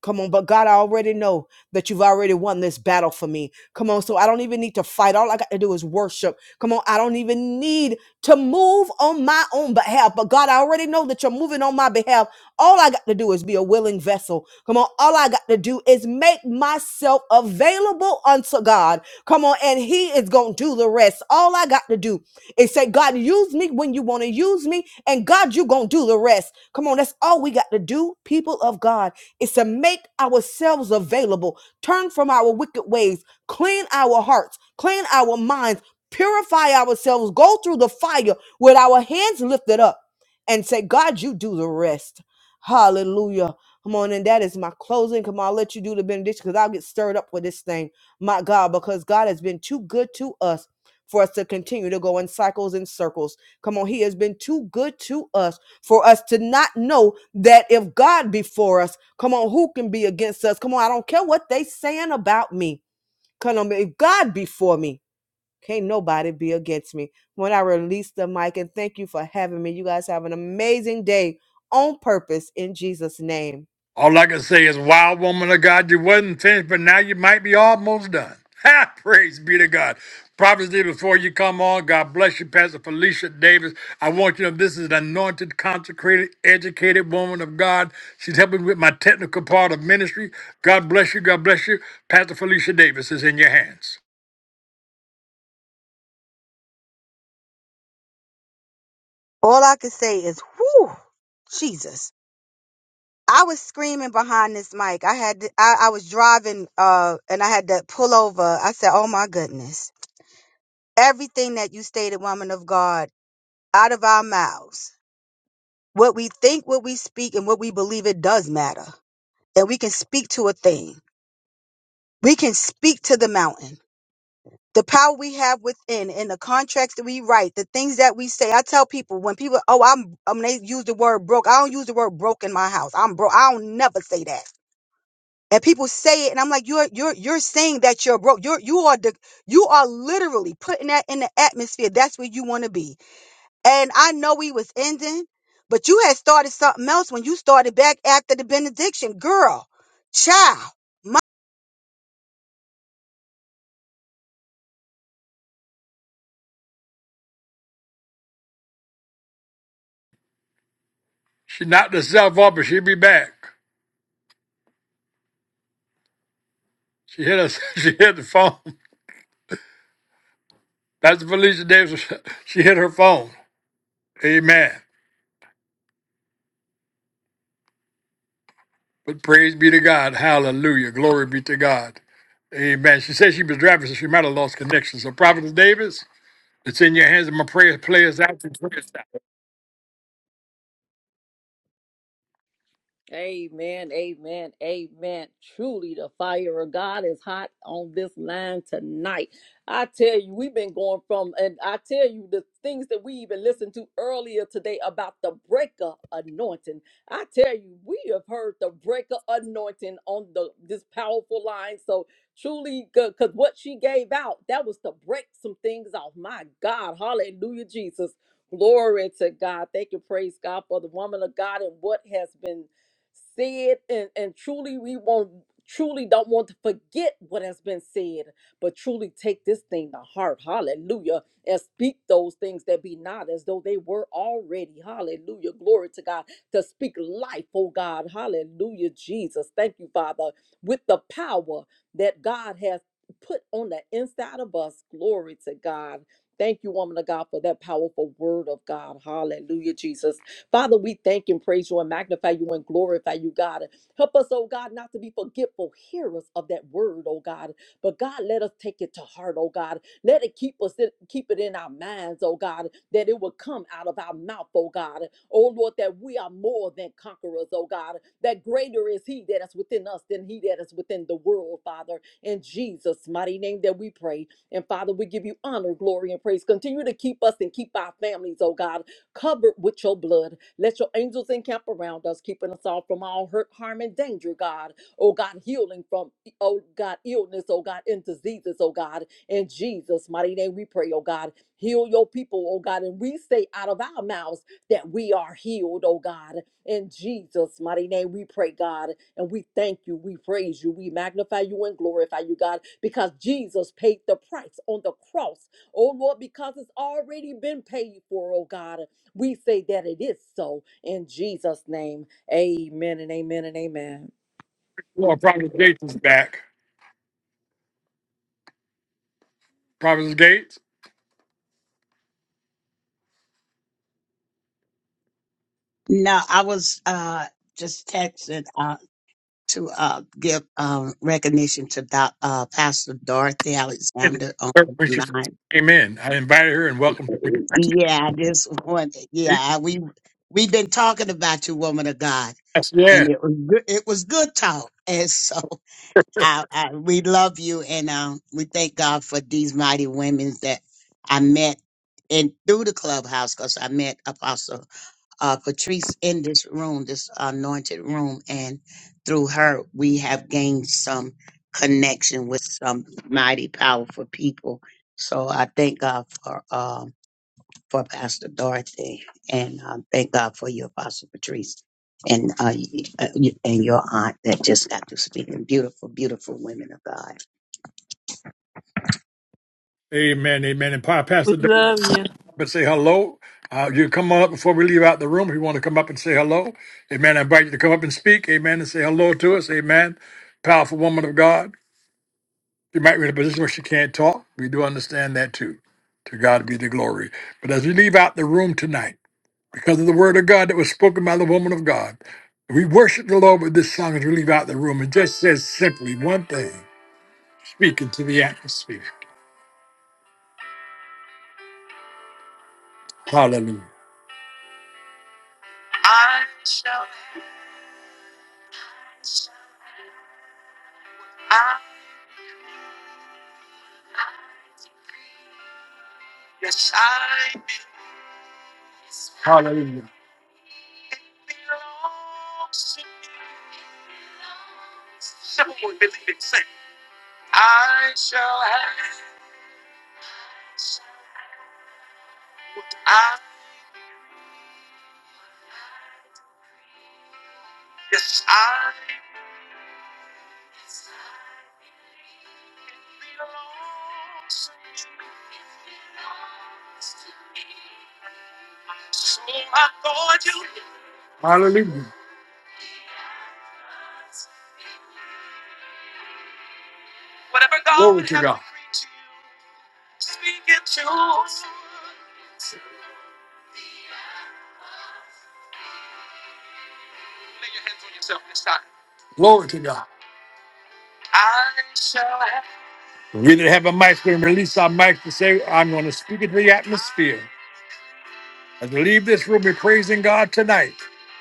Speaker 3: Come on, but God, I already know that you've already won this battle for me. Come on, so I don't even need to fight. All I got to do is worship. Come on, I don't even need to move on my own behalf. But God, I already know that you're moving on my behalf. All I got to do is be a willing vessel. Come on, all I got to do is make myself available unto God. Come on, and He is going to do the rest. All I got to do is say, God, use me when you want to use me, and God, you're going to do the rest. Come on, that's all we got to do, people of God is to make ourselves available, turn from our wicked ways, clean our hearts, clean our minds, purify ourselves, go through the fire with our hands lifted up and say, God, you do the rest. Hallelujah. Come on, and that is my closing. Come on, I'll let you do the benediction because I'll get stirred up with this thing. My God, because God has been too good to us for us to continue to go in cycles and circles. Come on, He has been too good to us for us to not know that if God be for us, come on, who can be against us? Come on, I don't care what they saying about me. Come on, if God be for me, can't nobody be against me. When I release the mic, and thank you for having me. You guys have an amazing day on purpose in Jesus' name.
Speaker 1: All I can say is, wild woman of God, you wasn't finished, but now you might be almost done. Ha! Praise be to God. Prophecy before you come on, God bless you, Pastor Felicia Davis. I want you to know this is an anointed, consecrated, educated woman of God. She's helping with my technical part of ministry. God bless you. God bless you. Pastor Felicia Davis is in your hands.
Speaker 8: All I could say is, whew, Jesus. I was screaming behind this mic. I had, to, I, I was driving, uh, and I had to pull over. I said, oh my goodness. Everything that you stated, woman of God, out of our mouths, what we think, what we speak, and what we believe, it does matter. And we can speak to a thing. We can speak to the mountain. the power we have within and the contracts that we write, the things that we say. I tell people when people, oh, I'm, i um, they use the word broke. I don't use the word broke in my house. I'm broke. I don't never say that. And people say it, and I'm like, you're you're you're saying that you're broke. You're you are the you are literally putting that in the atmosphere. That's where you want to be. And I know we was ending, but you had started something else when you started back after the benediction, girl, child.
Speaker 1: She knocked herself up, but she'll be back. She hit us. She hit the phone. Pastor Felicia Davis. She hit her phone. Amen. But praise be to God. Hallelujah. Glory be to God. Amen. She said she was driving, so she might have lost connection. So, Prophet Davis, it's in your hands. And my prayer players out. And prayers out.
Speaker 2: Amen, amen, amen. Truly, the fire of God is hot on this line tonight. I tell you, we've been going from, and I tell you, the things that we even listened to earlier today about the breaker anointing. I tell you, we have heard the breaker anointing on the this powerful line. So truly, because what she gave out, that was to break some things off. My God, hallelujah, Jesus. Glory to God. Thank you, praise God, for the woman of God and what has been Said and, and truly we won't truly don't want to forget what has been said, but truly take this thing to heart. Hallelujah. And speak those things that be not as though they were already. Hallelujah. Glory to God. To speak life, oh God. Hallelujah, Jesus. Thank you, Father, with the power that God has put on the inside of us. Glory to God. Thank you, woman of God, for that powerful word of God. Hallelujah, Jesus. Father, we thank and praise you and magnify you and glorify you, God. Help us, oh God, not to be forgetful hearers of that word, oh God. But God, let us take it to heart, oh God. Let it keep us keep it in our minds, oh God, that it will come out of our mouth, oh God. Oh Lord, that we are more than conquerors, oh God. That greater is he that is within us than he that is within the world, Father. In Jesus' mighty name that we pray. And Father, we give you honor, glory, and praise. Continue to keep us and keep our families, oh God covered with your blood. Let your angels encamp around us, keeping us all from all hurt, harm, and danger, God. Oh God, healing from, oh God, illness, oh God, and diseases, oh God. In Jesus' mighty name we pray, oh God. Heal your people, oh God. And we say out of our mouths that we are healed, oh God. In Jesus' mighty name we pray, God. And we thank you, we praise you, we magnify you and glorify you, God, because Jesus paid the price on the cross. Oh Lord, because it's already been paid for, oh God. We say that it is so in Jesus' name. Amen and amen and amen.
Speaker 1: Lord, Prophet Gates is back. Prophet Gates,
Speaker 7: No, I was uh just texting uh to uh give um recognition to doc, uh Pastor Dorothy Alexander on
Speaker 1: when
Speaker 7: the
Speaker 1: she
Speaker 7: line
Speaker 1: first came in, I invited her and welcomed her.
Speaker 7: Yeah, this one. Yeah, we we've been talking about you, woman of God,
Speaker 1: Yes, yeah.
Speaker 7: and it was good, it was good talk. And so I, I we love you, and um, we thank God for these mighty women that I met in through the clubhouse because I met Apostle uh, Patrice in this room, this anointed room, and through her we have gained some connection with some mighty powerful people. So I thank God for. um for Pastor Dorothy, and um, thank God for you, Apostle Patrice, and uh, y- uh, y- and your aunt that just got to speaking. Beautiful, beautiful women of God.
Speaker 1: Amen. Amen. And Pa- Pastor
Speaker 4: We
Speaker 1: Don,
Speaker 4: love you.
Speaker 1: but say hello. Uh, you come on up before we leave out the room. If you want to come up and say hello, Amen. I invite you to come up and speak. Amen. And say hello to us. Amen. Powerful woman of God. She might be in a position where she can't talk. We do understand that too. To God be the glory. But as we leave out the room tonight, because of the word of God that was spoken by the woman of God, we worship the Lord with this song as we leave out the room. It just says simply one thing, speaking to the atmosphere. Hallelujah. Hallelujah. Hallelujah. Whatever God glory would to have God. To you. Glory to God. We that have a mic can release our mic to say, I'm going to speak it to the atmosphere. As we leave this room, we're praising God tonight.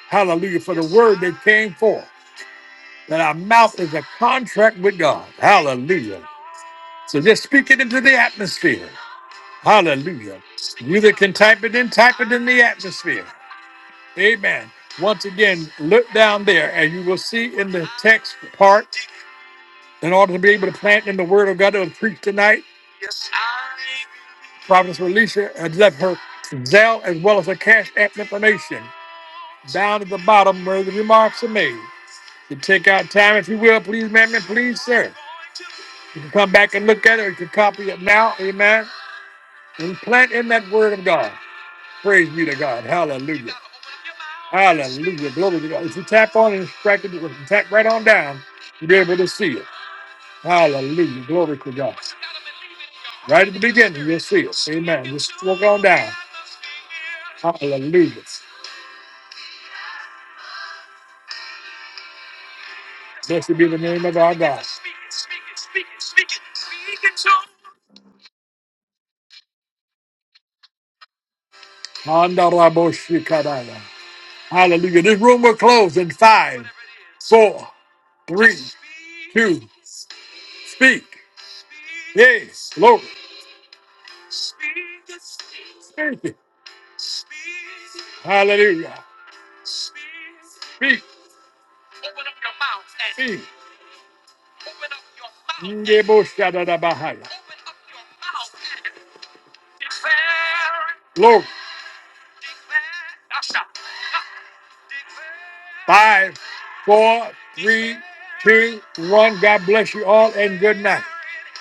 Speaker 1: Hallelujah for the word that came forth. That our mouth is a contract with God. Hallelujah. So just speak it into the atmosphere. Hallelujah. You that can type it in, type it in the atmosphere. Amen. Once again, look down there and you will see in the text part, in order to be able to plant in the word of God that was preached tonight, Providence Relisha has left her Zell as well as her cash app information down at the bottom where the remarks are made. to take out time, if you will, please, ma'am, and please, sir. You can come back and look at it, or you can copy it now, amen. And plant in that word of God. Praise be to God. Hallelujah. Hallelujah. Glory to God. If you tap on it and strike it, if you tap right on down, you'll be able to see it. Hallelujah. Glory to God. Right at the beginning, you'll see it. Amen. Just walk on down. Hallelujah. Blessed be the name of our God. Andarabo shikadaya. Hallelujah. This room will close in five, four, three, two, speak. Yes, Lord. Thank you. Hallelujah. Speak. Speak. Ngebo shadada bahaya. Lord. Five, four, three, two, one. God bless you all and good night.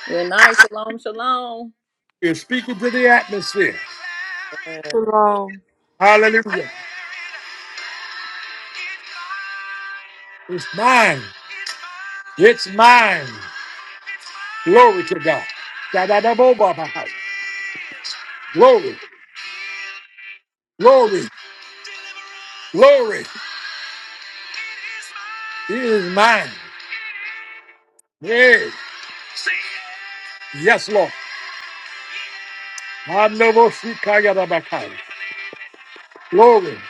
Speaker 2: Good night. Shalom, shalom.
Speaker 1: You're speaking to the atmosphere.
Speaker 4: Shalom.
Speaker 1: Hallelujah. It's mine. It's mine. Glory to God. Da-da-da-bo-ba-ba. Glory, glory, glory. He is mine. Yes, yes, Lord. Manobo-shikaya-da-ba-kai. Glory.